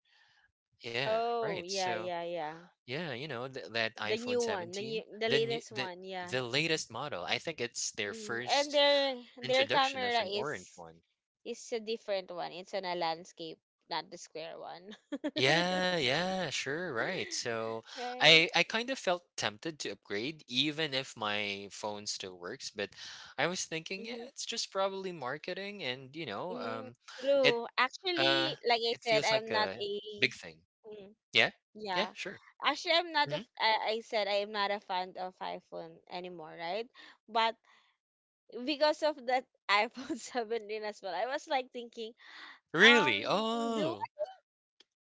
B: Yeah,
A: Oh,
B: right.
A: yeah,
B: So
A: yeah, yeah.
B: yeah, you know th- that
A: The new
B: iPhone
A: one, the new,
B: seventeen,
A: the
B: the new,
A: latest
B: the
A: one, yeah.
B: the latest model. I think it's their
A: Hmm. And
B: first
A: their their
B: introduction of
A: camera
B: an
A: is
B: orange one.
A: is a different one. It's on a landscape, not the square one.
B: Yeah, yeah, sure, right. So I
A: Right?
B: I kind of felt tempted to upgrade even if my phone still works, but I was thinking, yeah,
A: Mm-hmm.
B: it's just probably marketing and, you know,
A: Mm-hmm.
B: um it.
A: True.
B: Uh,
A: Actually, like I
B: it
A: said,
B: feels like
A: I'm not
B: a
A: a
B: big thing.
A: mm,
B: Yeah? Yeah,
A: yeah.
B: sure.
A: Actually, I'm not a
B: Mhm.
A: f I I said I am not a fan of iPhone anymore, right? But because of that iPhone seventeen as well, I was like thinking, um,
B: Really?
A: do
B: Oh.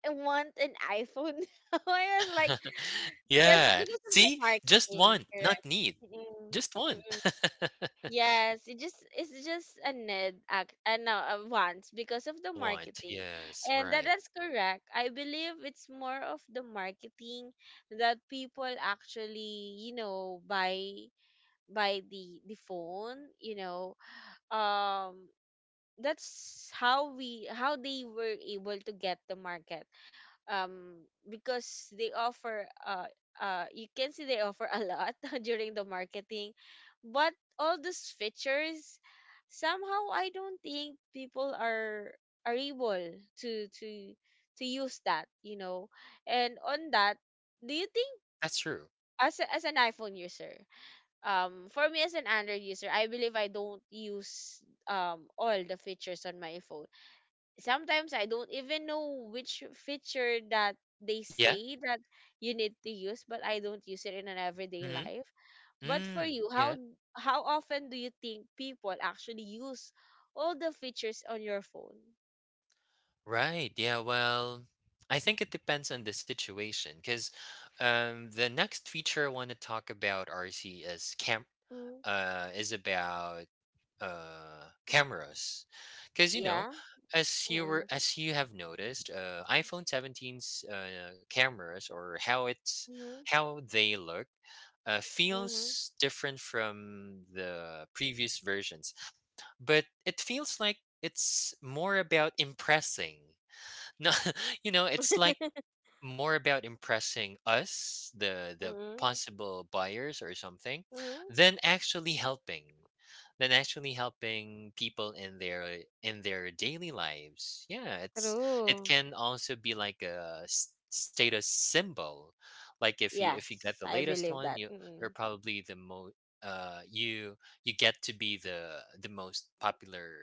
A: I want an iPhone now. I was like, yes,
B: Yeah.
A: because of the
B: See? Just
A: marketing,
B: want, not
A: correct?
B: need.
A: Mm-mm.
B: Just want.
A: Mm-mm. Yes, it just it's just a need, act, uh, no, a want because of the
B: A want.
A: marketing,
B: Yes,
A: and that
B: right.
A: that's correct. I believe it's more of the marketing that people actually, you know, buy buy the the phone, you know, um. That's how we how they were able to get the market, um, because they offer uh uh you can see they offer a lot during the marketing. But all those features, somehow I don't think people are are able to to to use that, you know. And on that, do you think,
B: That's true.
A: as a, as an iPhone user, um, for me as an Android user, I believe I don't use um, all the features on my phone. Sometimes I don't even know which feature that they
B: Yeah?
A: say that you need to use, but I don't use it in an everyday
B: Mhm.
A: life. But for
B: Mm.
A: you, how
B: Yeah.
A: how often do you think people actually use all the features on your phone?
B: Right. Yeah, well, I think it depends on the situation. Cause, um the next feature I want to talk about R C is camp
A: Mm.
B: uh is about uh cameras, because you know
A: Yeah.
B: as you were
A: Mm-mm.
B: as you have noticed uh iPhone seventeen's uh cameras, or how it's
A: Mm-hmm.
B: how they look, uh,
A: Mm-hmm.
B: feels different from the previous versions. But it feels like it's more about impressing, no, you know it's like more about impressing us, the the
A: Mm-mm.
B: possible buyers or something,
A: Mm-hmm.
B: than actually helping, than actually helping people in their in their daily lives. Yeah, it's it
A: True.
B: can also be like a s- status symbol. Like if you if you get
A: Yes,
B: the
A: I
B: latest
A: believe
B: one,
A: that.
B: you you're
A: Mm-mm.
B: probably the most uh you you get to be the the most popular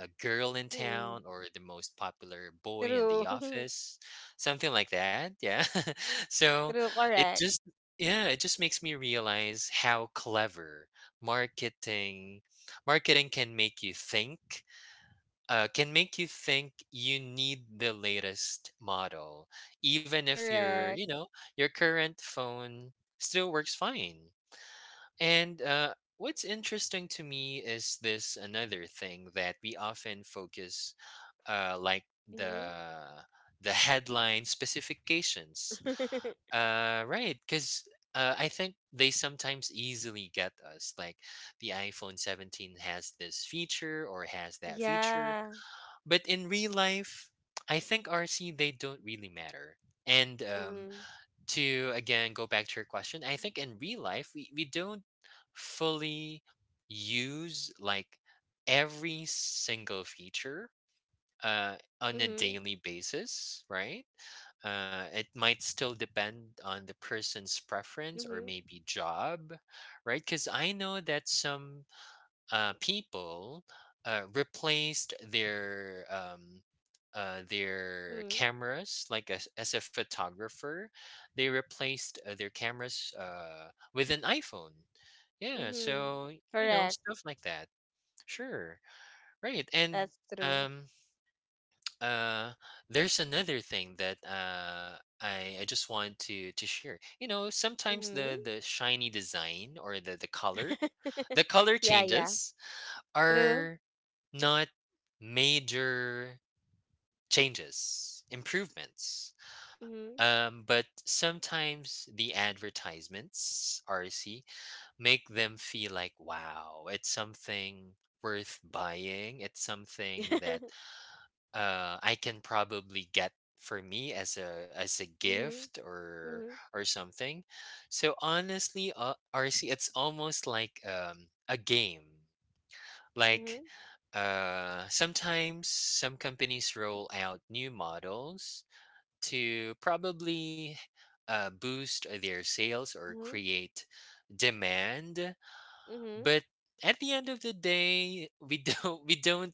B: uh, girl in
A: Mm-hmm.
B: town, or the most popular boy in the
A: True.
B: office. Something like that, yeah. So
A: True.
B: it
A: Correct.
B: just yeah, it just makes me realize how clever marketing marketing can make you think, uh, can make you think you need the latest model, even if your,
A: Correct.
B: you know, your current phone still works fine. And uh, what's interesting to me is this another thing that we often focus uh, like
A: Mm-hmm.
B: the the headline specifications. Uh, right, because uh, I think they sometimes easily get us. Like the iPhone seventeen has this feature or has that feature,
A: Yeah.
B: but in real life, I think R C they don't really matter. And um,
A: Mm-mm.
B: To again go back to your question, I think in real life we, we don't fully use like every single feature uh, on a
A: Mm-hmm.
B: daily basis, right? Uh, it might still depend on the person's preference or
A: Mm-hmm.
B: maybe job, right? Because I know that some uh, people uh, replaced their um, uh, their
A: Mm-hmm.
B: cameras, like as, as a photographer, they replaced uh, their cameras uh, with an iPhone. Yeah,
A: Mm-hmm.
B: so Mm. you know
A: Correct.
B: stuff like that. Sure, right, and
A: That's true.
B: um uh there's another thing that uh I, I just want to to share. You know, sometimes
A: Mm-hmm.
B: the the shiny design or the the color, the color
A: Yeah, yeah.
B: changes
A: True.
B: are not major changes, improvements.
A: Mm-hmm.
B: Um, but sometimes the advertisements, R C, make them feel like wow, it's something worth buying. It's something that uh, I can probably get for me as a as a
A: Mm-hmm.
B: gift or
A: Mm-hmm.
B: or something. So honestly, uh, R C, it's almost like um, a game. Like
A: Mm-hmm.
B: uh, sometimes some companies roll out new models to probably uh, boost their sales or
A: Mm-hmm.
B: create demand,
A: Mm-hmm.
B: but at the end of the day, we don't we don't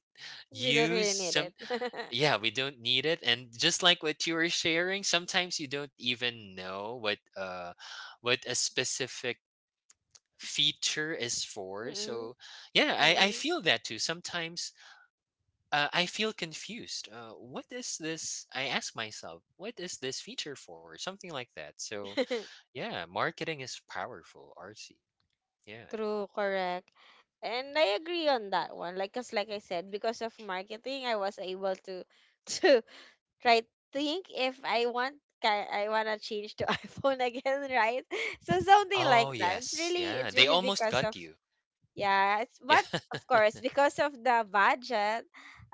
A: We don't
B: use
A: really need it.
B: some yeah, we don't need it. And just like what you were sharing, sometimes you don't even know what uh what a specific feature is for.
A: Mm-hmm.
B: So yeah, I, I
A: Mm-hmm.
B: feel that too. Sometimes uh, I feel confused. Uh, what is this? I ask myself, what is this feature for? Something like that. So yeah, marketing is powerful, R C. Yeah.
A: True. Correct. And I agree on that one. Like, cause like I said, because of marketing, I was able to to right think if I want ki- I wanna change to iPhone again, right? So something
B: Oh
A: like that. It's
B: yes,
A: really
B: yeah.
A: it's
B: They
A: really
B: almost
A: because
B: got
A: of
B: you.
A: yeah, it's
B: Yeah.
A: but of course because of the budget,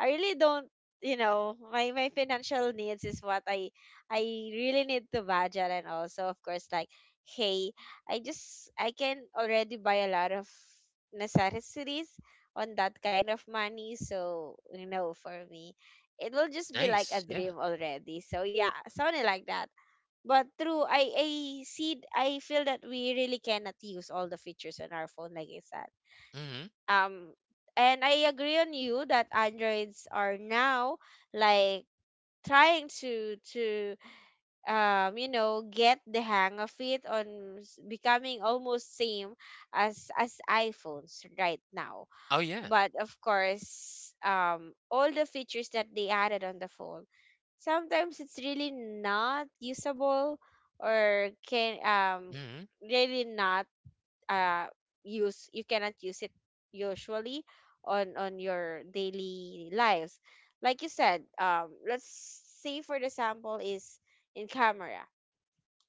A: I really don't, you know, my my financial needs is what I I really need to budget and also of course like hey I just I can already buy a lot of necessities on that kind of money so you know for me it will just be like a
B: Nice. Yeah.
A: dream already so yeah something like that but true I I see I feel that we really cannot use all the features on our phone like I said,
B: Mm-hmm.
A: um and I agree on you that Androids are now like trying to to, um you know, get the hang of it on s- becoming almost same as as iPhones right now.
B: Oh yeah.
A: But of course, um all the features that they added on the phone sometimes it's really not usable or can um
B: Mm-hmm.
A: really not uh use, you cannot use it usually on on your daily lives, like you said. Um let's say for the sample is in camera.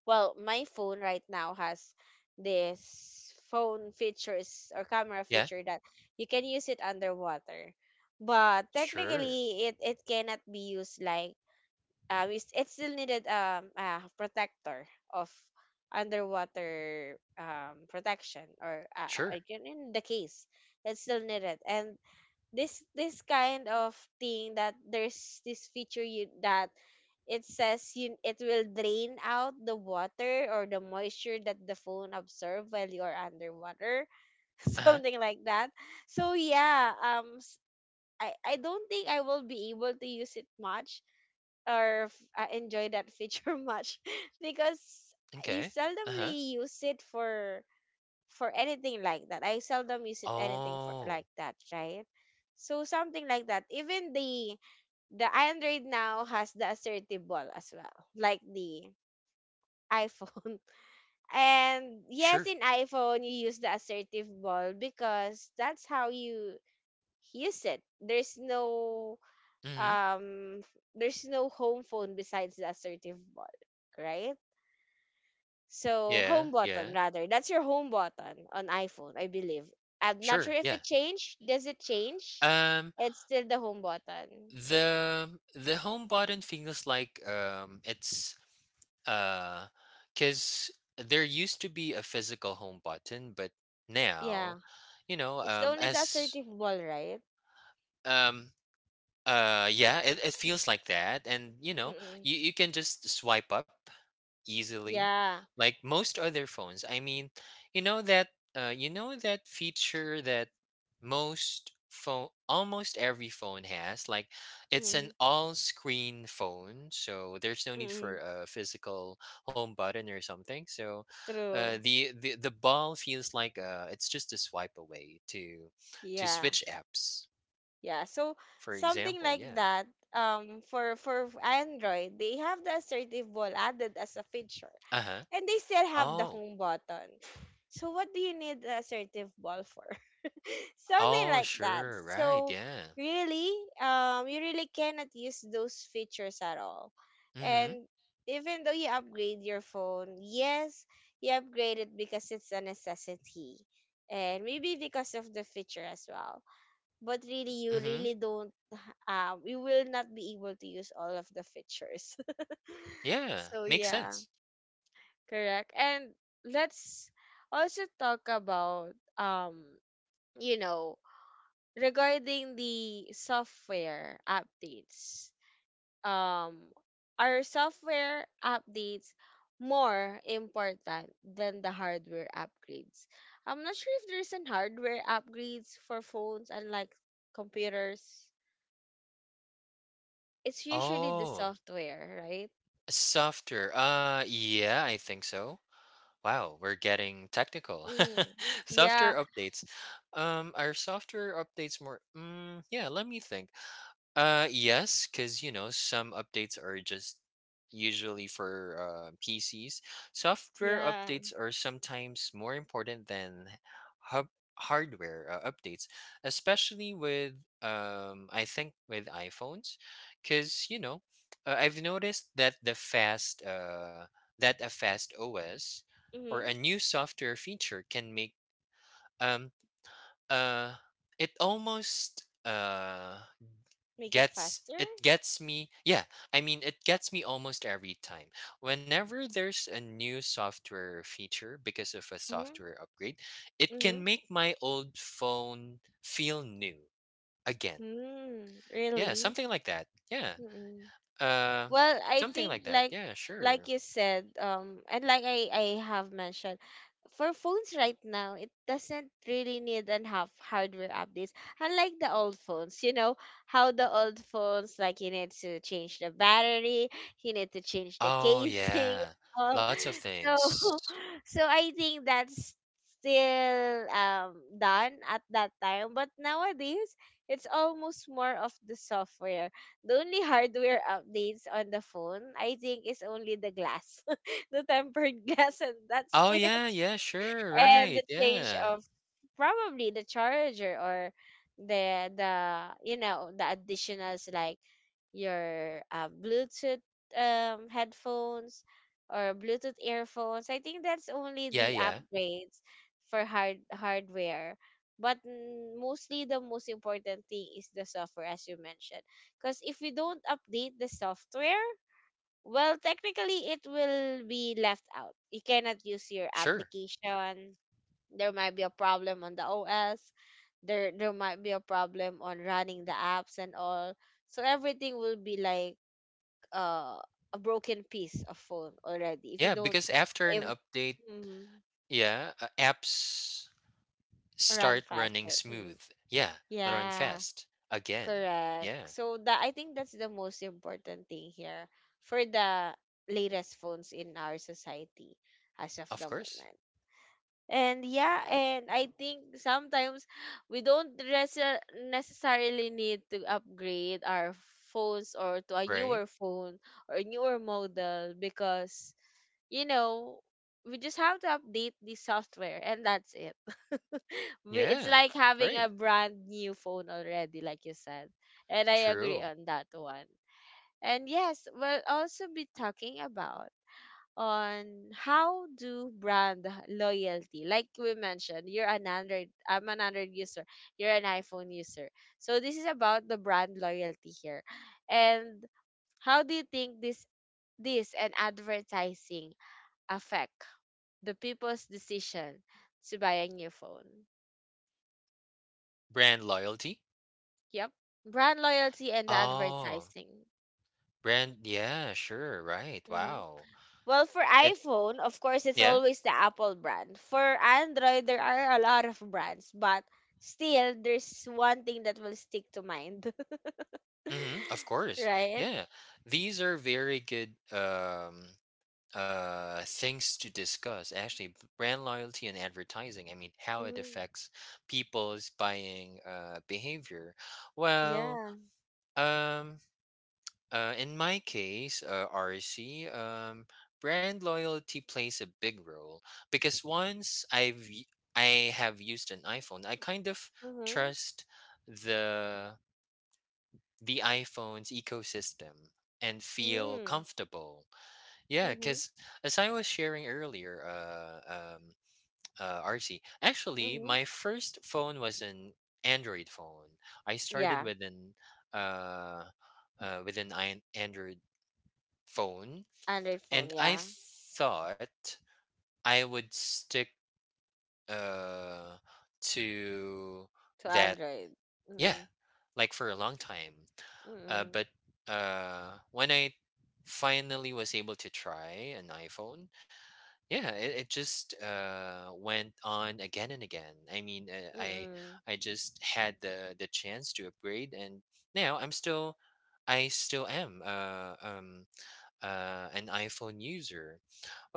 A: Well, my phone right now has this phone features or camera
B: Yeah.
A: feature that you can use it underwater, but
B: Sure.
A: technically it it cannot be used like uh, we, s- it still needed um a protector of underwater um protection or uh, uh,
B: Sure.
A: again in the case it still needed. And this this kind of thing that there's this feature you that it says you, it will drain out the water or the moisture that the phone absorb while you're underwater.
B: Uh-huh.
A: Something like that. So yeah, um s- I, I don't think I will be able to use it much or f- uh, enjoy that feature much, because you
B: Okay. Uh-huh.
A: seldomly use it for for anything like that. I seldom use it anything for
B: Oh,
A: like that, right? So something like that. Even the the Android now has the assertive ball as well, like the iPhone. And yes,
B: sure.
A: in iPhone you use the assertive ball because that's how you use it. There's no
B: Mhm.
A: um there's no home phone besides the assertive ball, right? So
B: Yeah,
A: home button
B: yeah.
A: rather. That's your home button on iPhone, I believe. I'm not sure
B: Sure.
A: if
B: Yeah.
A: it changed. Does it change?
B: Um
A: It's still the home button.
B: the the home button feels like um it's uh cuz there used to be a physical home button but now
A: Yeah.
B: you know
A: It's
B: um
A: only the
B: as
A: assertive ball, right?
B: um uh yeah, it, it feels like that. And you know,
A: Mm-mm.
B: you, you can just swipe up easily
A: Yeah.
B: like most other phones. I mean, you know that uh, you know that feature that most phone almost every phone has, like it's an
A: Mm-mm.
B: all screen phone, so there's no need for
A: Mm-mm.
B: a physical home button or something. So uh,
A: True.
B: the, the the ball feels like uh, it's just a swipe away to to
A: Yeah.
B: switch apps,
A: Yeah, so
B: for
A: something
B: example.
A: like
B: Yeah.
A: that. Um, for for Android, they have the assertive ball added as a feature,
B: Uh-huh.
A: and they still have the
B: Oh.
A: home button. So what do you need the assertive ball for? Something
B: Oh,
A: like that.
B: sure, right,
A: So
B: yeah.
A: really, um, you really cannot use those features at all.
B: Mm-hmm.
A: And even though you upgrade your phone, yes, you upgrade it because it's a necessity, and maybe because of the feature as well, but really you
B: Mm-hmm.
A: really don't um you will not be able to use all of the features.
B: Yeah,
A: So
B: makes
A: yeah,
B: sense.
A: correct. And let's also talk about, um you know, regarding the software updates. um are software updates more important than the hardware upgrades? I'm not sure if there's an hardware upgrades for phones and like computers. It's usually the
B: Oh,
A: software, right?
B: softer. Uh, yeah, I think so. Wow, we're getting technical.
A: Mm. Yeah,
B: Software updates. Um, are software updates more? Mm, yeah, let me think. Uh, yes, because you know some updates are just usually for uh, P Cs. Software
A: yeah.
B: updates are sometimes more important than hub- hardware uh, updates, especially with um, I think with iPhones, because you know uh, I've noticed that the fast uh that a fast O S or a
A: Mm-hmm.
B: new software feature can make um uh, it almost uh
A: Make it
B: gets
A: faster.
B: it gets me. Yeah, I mean it gets me almost every time whenever there's a new software feature because of a
A: Mm-hmm.
B: software upgrade, it
A: Mm-hmm.
B: can make my old phone feel new again.
A: Mm,
B: Yeah,
A: really?
B: something like that. Yeah.
A: Mm-mm.
B: Uh,
A: Well, I
B: something
A: think
B: like that.
A: like
B: Yeah.
A: like
B: Sure.
A: you said, um, and like I I have mentioned, for phones right now, it doesn't really need an half hardware updates. Unlike the old phones, you know how the old phones like you need to change the battery, you need to change the
B: Oh
A: casing.
B: yeah,
A: All.
B: lots of
A: So,
B: things.
A: so I think that's still um done at that time. But nowadays, it's almost more of the software. The only hardware updates on the phone, I think, is only the glass, the tempered glass, and that's
B: Oh
A: it,
B: yeah, yeah, sure,
A: and the
B: right,
A: change
B: yeah.
A: of probably the charger or the the, you know, the additionals like your uh, Bluetooth um headphones or Bluetooth earphones. I think that's only the
B: Yeah, yeah,
A: upgrades for hard hardware. But mm, mostly the most important thing is the software, as you mentioned. Because if we don't update the software, well, technically it will be left out. You cannot use your
B: sure.
A: application, there might be a problem on the O S. There there might be a problem on running the apps and all. So everything will be like uh, a broken piece of phone already if you
B: Yeah,
A: don't
B: because after an
A: im-
B: update,
A: mm,
B: yeah, uh, apps
A: run
B: start running
A: faster. Mm.
B: smooth. Yeah, they run
A: Yeah,
B: fast again.
A: correct.
B: Yeah,
A: So that I think that's the most important thing here for the latest phones in our society as of
B: of
A: the
B: course.
A: moment. And yeah, and I think sometimes we don't resa- necessarily need to upgrade our phones or to a
B: Right?
A: newer phone or newer model, because, you know, we just have to update the software and that's it. We- It's
B: Yeah,
A: like having
B: right.
A: a brand new phone already, like you said. And I agree
B: True.
A: on that one. And yes, we'll also be talking about on how do brand loyalty like we mentioned, you're an Android, I'm an Android user, you're an iPhone user. So this is about the brand loyalty here. And how do you think this, this and advertising affect the people's decision to buy a new phone?
B: Brand loyalty.
A: Yep, brand loyalty and the
B: Oh,
A: advertising.
B: brand. Yeah, sure. Right.
A: Mm-hmm.
B: Wow.
A: Well, for
B: It.
A: iPhone, of course, it's
B: Yeah.
A: always the Apple brand. For Android, there are a lot of brands, but still, there's one thing that will stick to mind,
B: Mm-hmm, of course.
A: right?
B: Yeah. These are very good. Um, uh things to discuss, actually. B- brand loyalty and advertising, I mean, how it
A: Hmm.
B: affects people's buying uh behavior. Well,
A: Yeah.
B: um uh in my case, uh, RC, um, brand loyalty plays a big role because once i've y- i have used an iPhone, I kind of
A: Mm-hmm.
B: trust the the iPhone's ecosystem and feel
A: Mm-hmm.
B: comfortable. Yeah,
A: Mm-hmm.
B: because as I was sharing earlier, uh, um, uh, R C, actually,
A: Mm-hmm.
B: my first phone was an Android phone. I started
A: Yeah.
B: with an uh, uh, with an I- Android phone,
A: Android phone.
B: and I
A: Yeah.
B: thought I would stick uh, to
A: To
B: that.
A: Android.
B: Yeah,
A: Mm-mm.
B: like for a long time. Uh,
A: Mm-mm.
B: but uh, when I finally was able to try an iPhone, yeah, it, it just uh went on again and again. I mean, uh, I
A: Mm-mm.
B: I just had the the chance to upgrade, and now i'm still i still am uh um uh an iPhone user.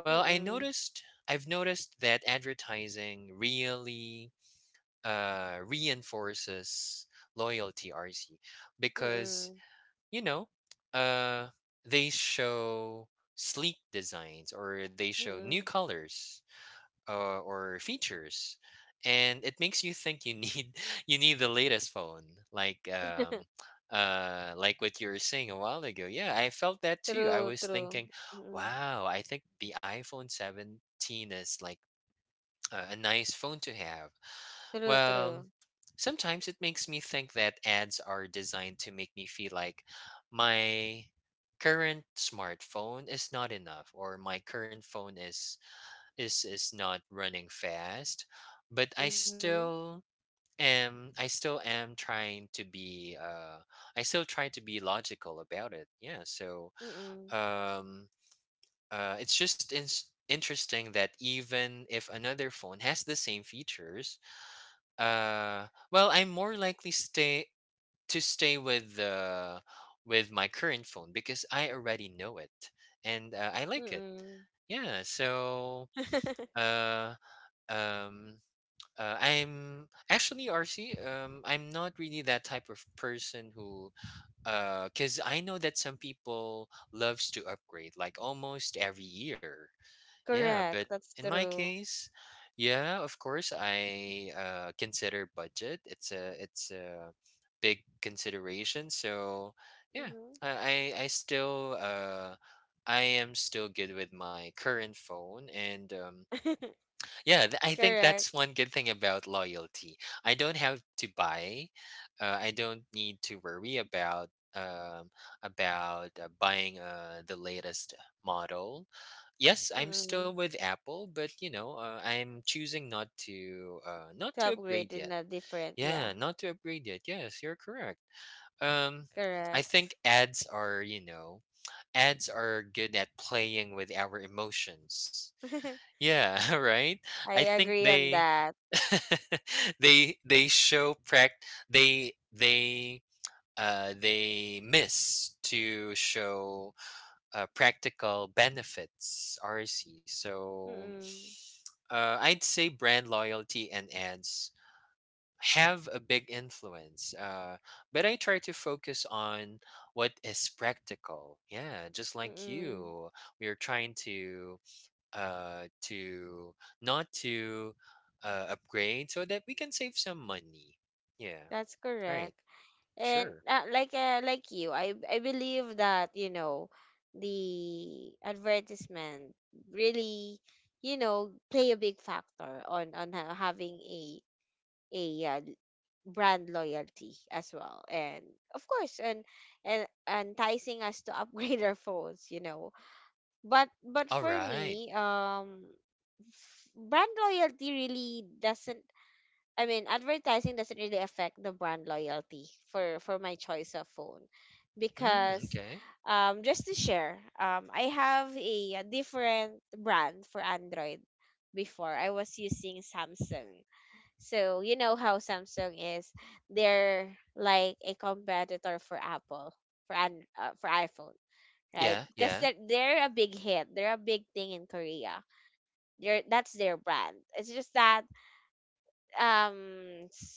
B: Well, i
A: Mm-mm.
B: noticed i've noticed that advertising really uh reinforces loyalty, RC, because
A: Mm-mm.
B: you know uh they show sleek designs, or they show new
A: Mm-mm.
B: colors uh, or features, and it makes you think you need you need the latest phone. Like um uh like what you were saying a while ago, yeah, I felt that too. I
A: True.
B: was
A: True.
B: thinking
A: Mm-mm.
B: wow, I think the iPhone seventeen is like a a nice phone to have.
A: True.
B: Well,
A: True.
B: sometimes it makes me think that ads are designed to make me feel like my current smartphone is not enough, or my current phone is is is not running fast. But i
A: Mm-hmm.
B: still am i still am trying to be uh, i still try to be logical about it. Yeah, so
A: Mm-mm.
B: um, uh, it's just in- interesting that even if another phone has the same features, uh, well, I'm more likely stay to stay with the with my current phone because I already know it and uh, I like it.
A: Mm-mm.
B: Yeah, so uh, um, uh, I'm actually R C. Um, I'm not really that type of person who, uh, cause I know that some people loves to upgrade like almost every year. Yeah, but
A: Correct. That's
B: in my
A: true.
B: case, yeah, of course I uh, consider budget. It's a it's a big consideration. So yeah,
A: Mm-hmm.
B: I I I still uh, I am still good with my current phone. And um, yeah, th- I think
A: Correct.
B: that's one good thing about loyalty. I don't have to buy. Uh, I don't need to worry about um, about uh, buying uh, the latest model. Yes, I'm still
A: Mm-mm.
B: with Apple, but you know, uh, I'm choosing not to uh, not
A: To
B: to upgrade
A: upgrade in
B: yet.
A: a different,
B: Yeah,
A: yeah.
B: not to upgrade yet. Yes, you're correct. Um, I
A: Correct.
B: think ads are, you know, ads are good at playing with our emotions. Yeah, right?
A: I
B: I think
A: agree on
B: they
A: that.
B: they they show pract they they uh they miss to show uh, practical benefits, R C. So
A: Mm-mm.
B: uh, I'd say brand loyalty and ads have a big influence uh, but I try to focus on what is practical. Yeah, just like
A: Mm-mm.
B: you, we are trying to uh to not to uh, upgrade so that we can save some money. Yeah,
A: That's
B: right.
A: correct. And
B: Sure.
A: uh, like uh, like you, I I believe that, you know, the advertisement really, you know, play a big factor on on ha- having a a uh, brand loyalty as well, and of course, and and enticing us to upgrade our phones, you know. but but
B: All
A: for
B: right.
A: me, um f- brand loyalty really doesn't, I mean advertising doesn't really affect the brand loyalty for for my choice of phone, because
B: Mm, okay.
A: um just to share, um I have a, a different brand for Android. Before I was using Samsung. So you know how Samsung is. They're like a competitor for Apple, for an uh, for iPhone, right?
B: Yeah,
A: Because
B: yeah.
A: they're, they're a big hit. They're a big thing in Korea. They're that's their brand. It's just that um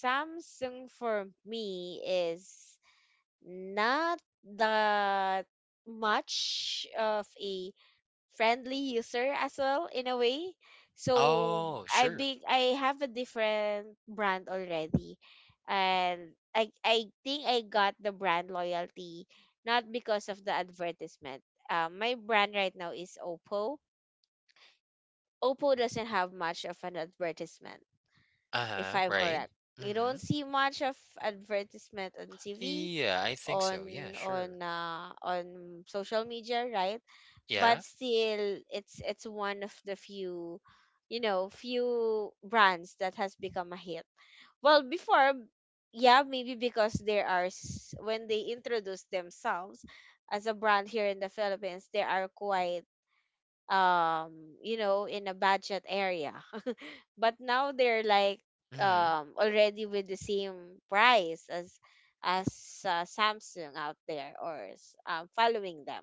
A: Samsung for me is not that much of a friendly user as well in a way. So
B: Oh
A: I
B: sure.
A: big I have a different brand already. And I I think I got the brand loyalty not because of the advertisement. Um, my brand right now is Oppo. Oppo doesn't have much of an advertisement, if
B: Uh-huh.
A: I'm
B: Right.
A: correct. You don't
B: Mm-hmm.
A: see much of advertisement on T V,
B: Yeah, I think so, yeah.
A: on
B: Sure.
A: on uh, on social media, right?
B: Yeah.
A: But still it's it's one of the few, you know, few brands that has become a hit well before. Yeah, maybe because there are s- when they introduce themselves as a brand here in the Philippines, they are quite, um you know, in a budget area. But now they're like,
B: Mm-hmm.
A: um already with the same price as as uh, Samsung out there or s- um, following them.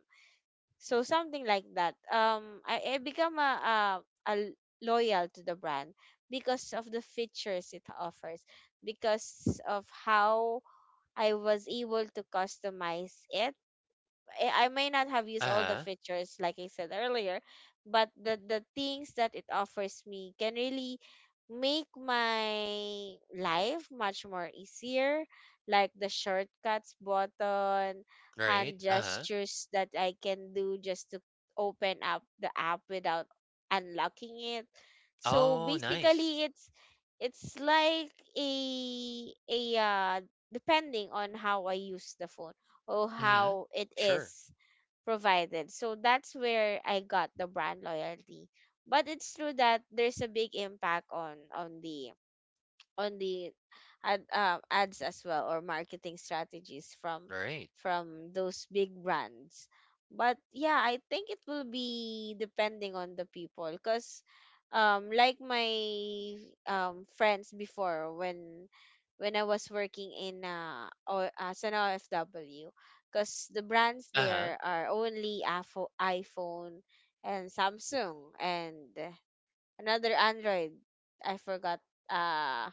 A: So something like that. Um, I, I become a, a, a loyal to the brand because of the features it offers, because of how I was able to customize it. I I may not have used all the
B: Uh-huh.
A: features like I said earlier, but the the things that it offers me can really make my life much more easier, like the shortcuts button,
B: Right.
A: hand
B: Uh-huh.
A: gestures that I can do just to open up the app without unlocking it. So
B: Oh, nice.
A: basically it's it's like a a uh, depending on how I use the phone or
B: Mhm.
A: how it
B: Sure.
A: is provided. So that's where I got the brand loyalty. But it's true that there's a big impact on on the on the ad, um, ads as well or marketing strategies from
B: Right.
A: from those big brands. But yeah, I think it will be depending on the people, because um like my um friends before, when when I was working in uh or as an ofw, because the brands
B: Uh-huh.
A: there are only Afo- iPhone and Samsung and another Android. I forgot, uh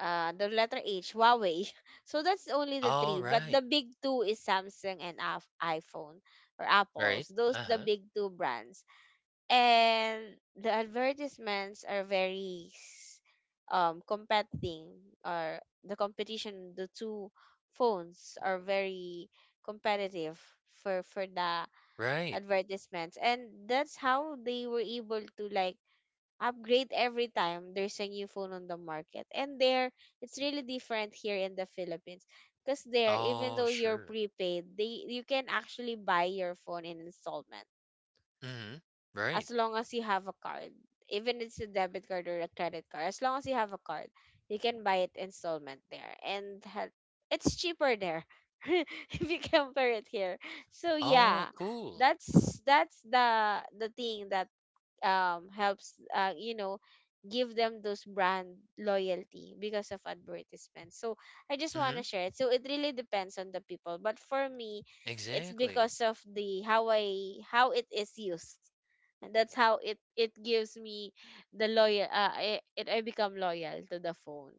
A: uh the letter H, Huawei. So that's only the three.
B: All
A: But the
B: right.
A: big two is Samsung and Af- iPhone or
B: Right.
A: Apple's. Those the
B: Uh-huh.
A: big two brands. And the advertisements are very s- um competing or the competition, the two phones are very competitive for for the
B: Right.
A: advertisements, and that's how they were able to like upgrade every time there's a new phone on the market. And there, it's really different here in the Philippines. Because there, even
B: Oh,
A: though you're
B: sure.
A: prepaid, they you can actually buy your phone in installment
B: Mhm. Right.
A: as long as you have a card. Even it's a debit card or a credit card, as long as you have a card, you can buy it installment there, and ha- it's cheaper there if you compare it here. So
B: Oh,
A: yeah,
B: cool.
A: that's that's the the thing that um helps uh, you know, give them those brand loyalty because of advertisements. So I just want to
B: Mhm.
A: share it. So it really depends on the people, but for me, it's
B: Exactly.
A: because of the how I how it is used, and that's how it it gives me the loyal uh, I, it I become loyal to the phone.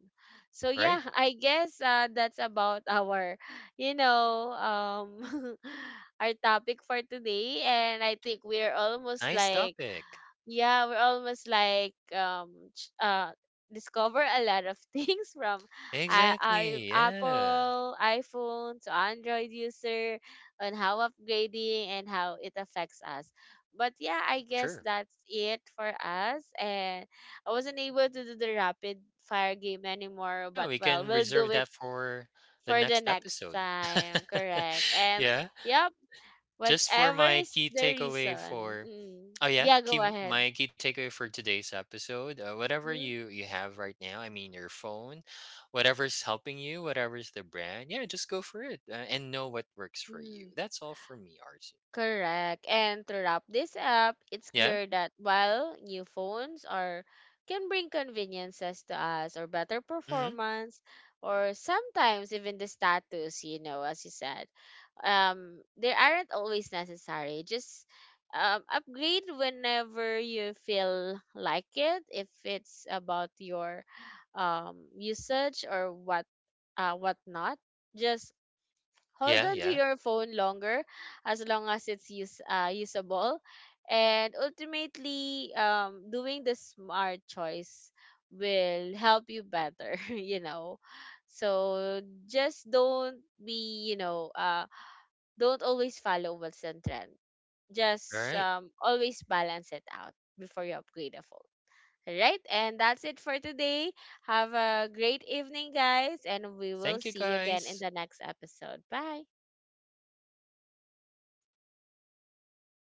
A: So yeah.
B: Right.
A: I guess uh, that's about our, you know, um our topic for today. And I think we're almost
B: Nice
A: like,
B: topic.
A: yeah, we're almost like, um ch- uh discover a lot of things from I I
B: Exactly. Yeah.
A: Apple iPhone to Android user, on how upgrading and how it affects us. But yeah, I guess
B: Sure.
A: that's it for us. And I wasn't able to do the rapid fire game anymore,
B: Yeah,
A: but
B: we
A: well,
B: can
A: we'll do
B: reserve
A: it
B: that for the
A: for the
B: next
A: next
B: episode.
A: time. Correct. And
B: Yeah.
A: yep,
B: Just for
A: whatever
B: my
A: is
B: key
A: the
B: takeaway
A: reason.
B: for
A: Mm,
B: oh yeah,
A: yeah, go
B: key,
A: ahead.
B: my key takeaway for today's episode uh, whatever
A: Mm-hmm.
B: you you have right now, I mean your phone, whatever's helping you, whatever's the brand, yeah, just go for it. Uh, and know what works for you.
A: Mm,
B: That's all for me, RC.
A: correct. And to wrap this up, it's
B: Yeah.
A: clear that while new phones are can bring conveniences to us or better
B: Mm-hmm.
A: performance or sometimes even the status, you know, as you said, um, they aren't always necessary. Just um, upgrade whenever you feel like it, if it's about your um, usage or what uh, whatnot. Just hold
B: Yeah,
A: on to
B: yeah,
A: your phone longer as long as it's use, uh, usable, and ultimately um, doing the smart choice will help you better, you know. So just don't be, you know, uh, don't always follow what's on trend,
B: all
A: just
B: right,
A: um, always balance it out before you upgrade a phone. All right, and that's it for today. Have a great evening guys, and we will
B: thank you
A: see you again in
B: guys.
A: the next episode. Bye.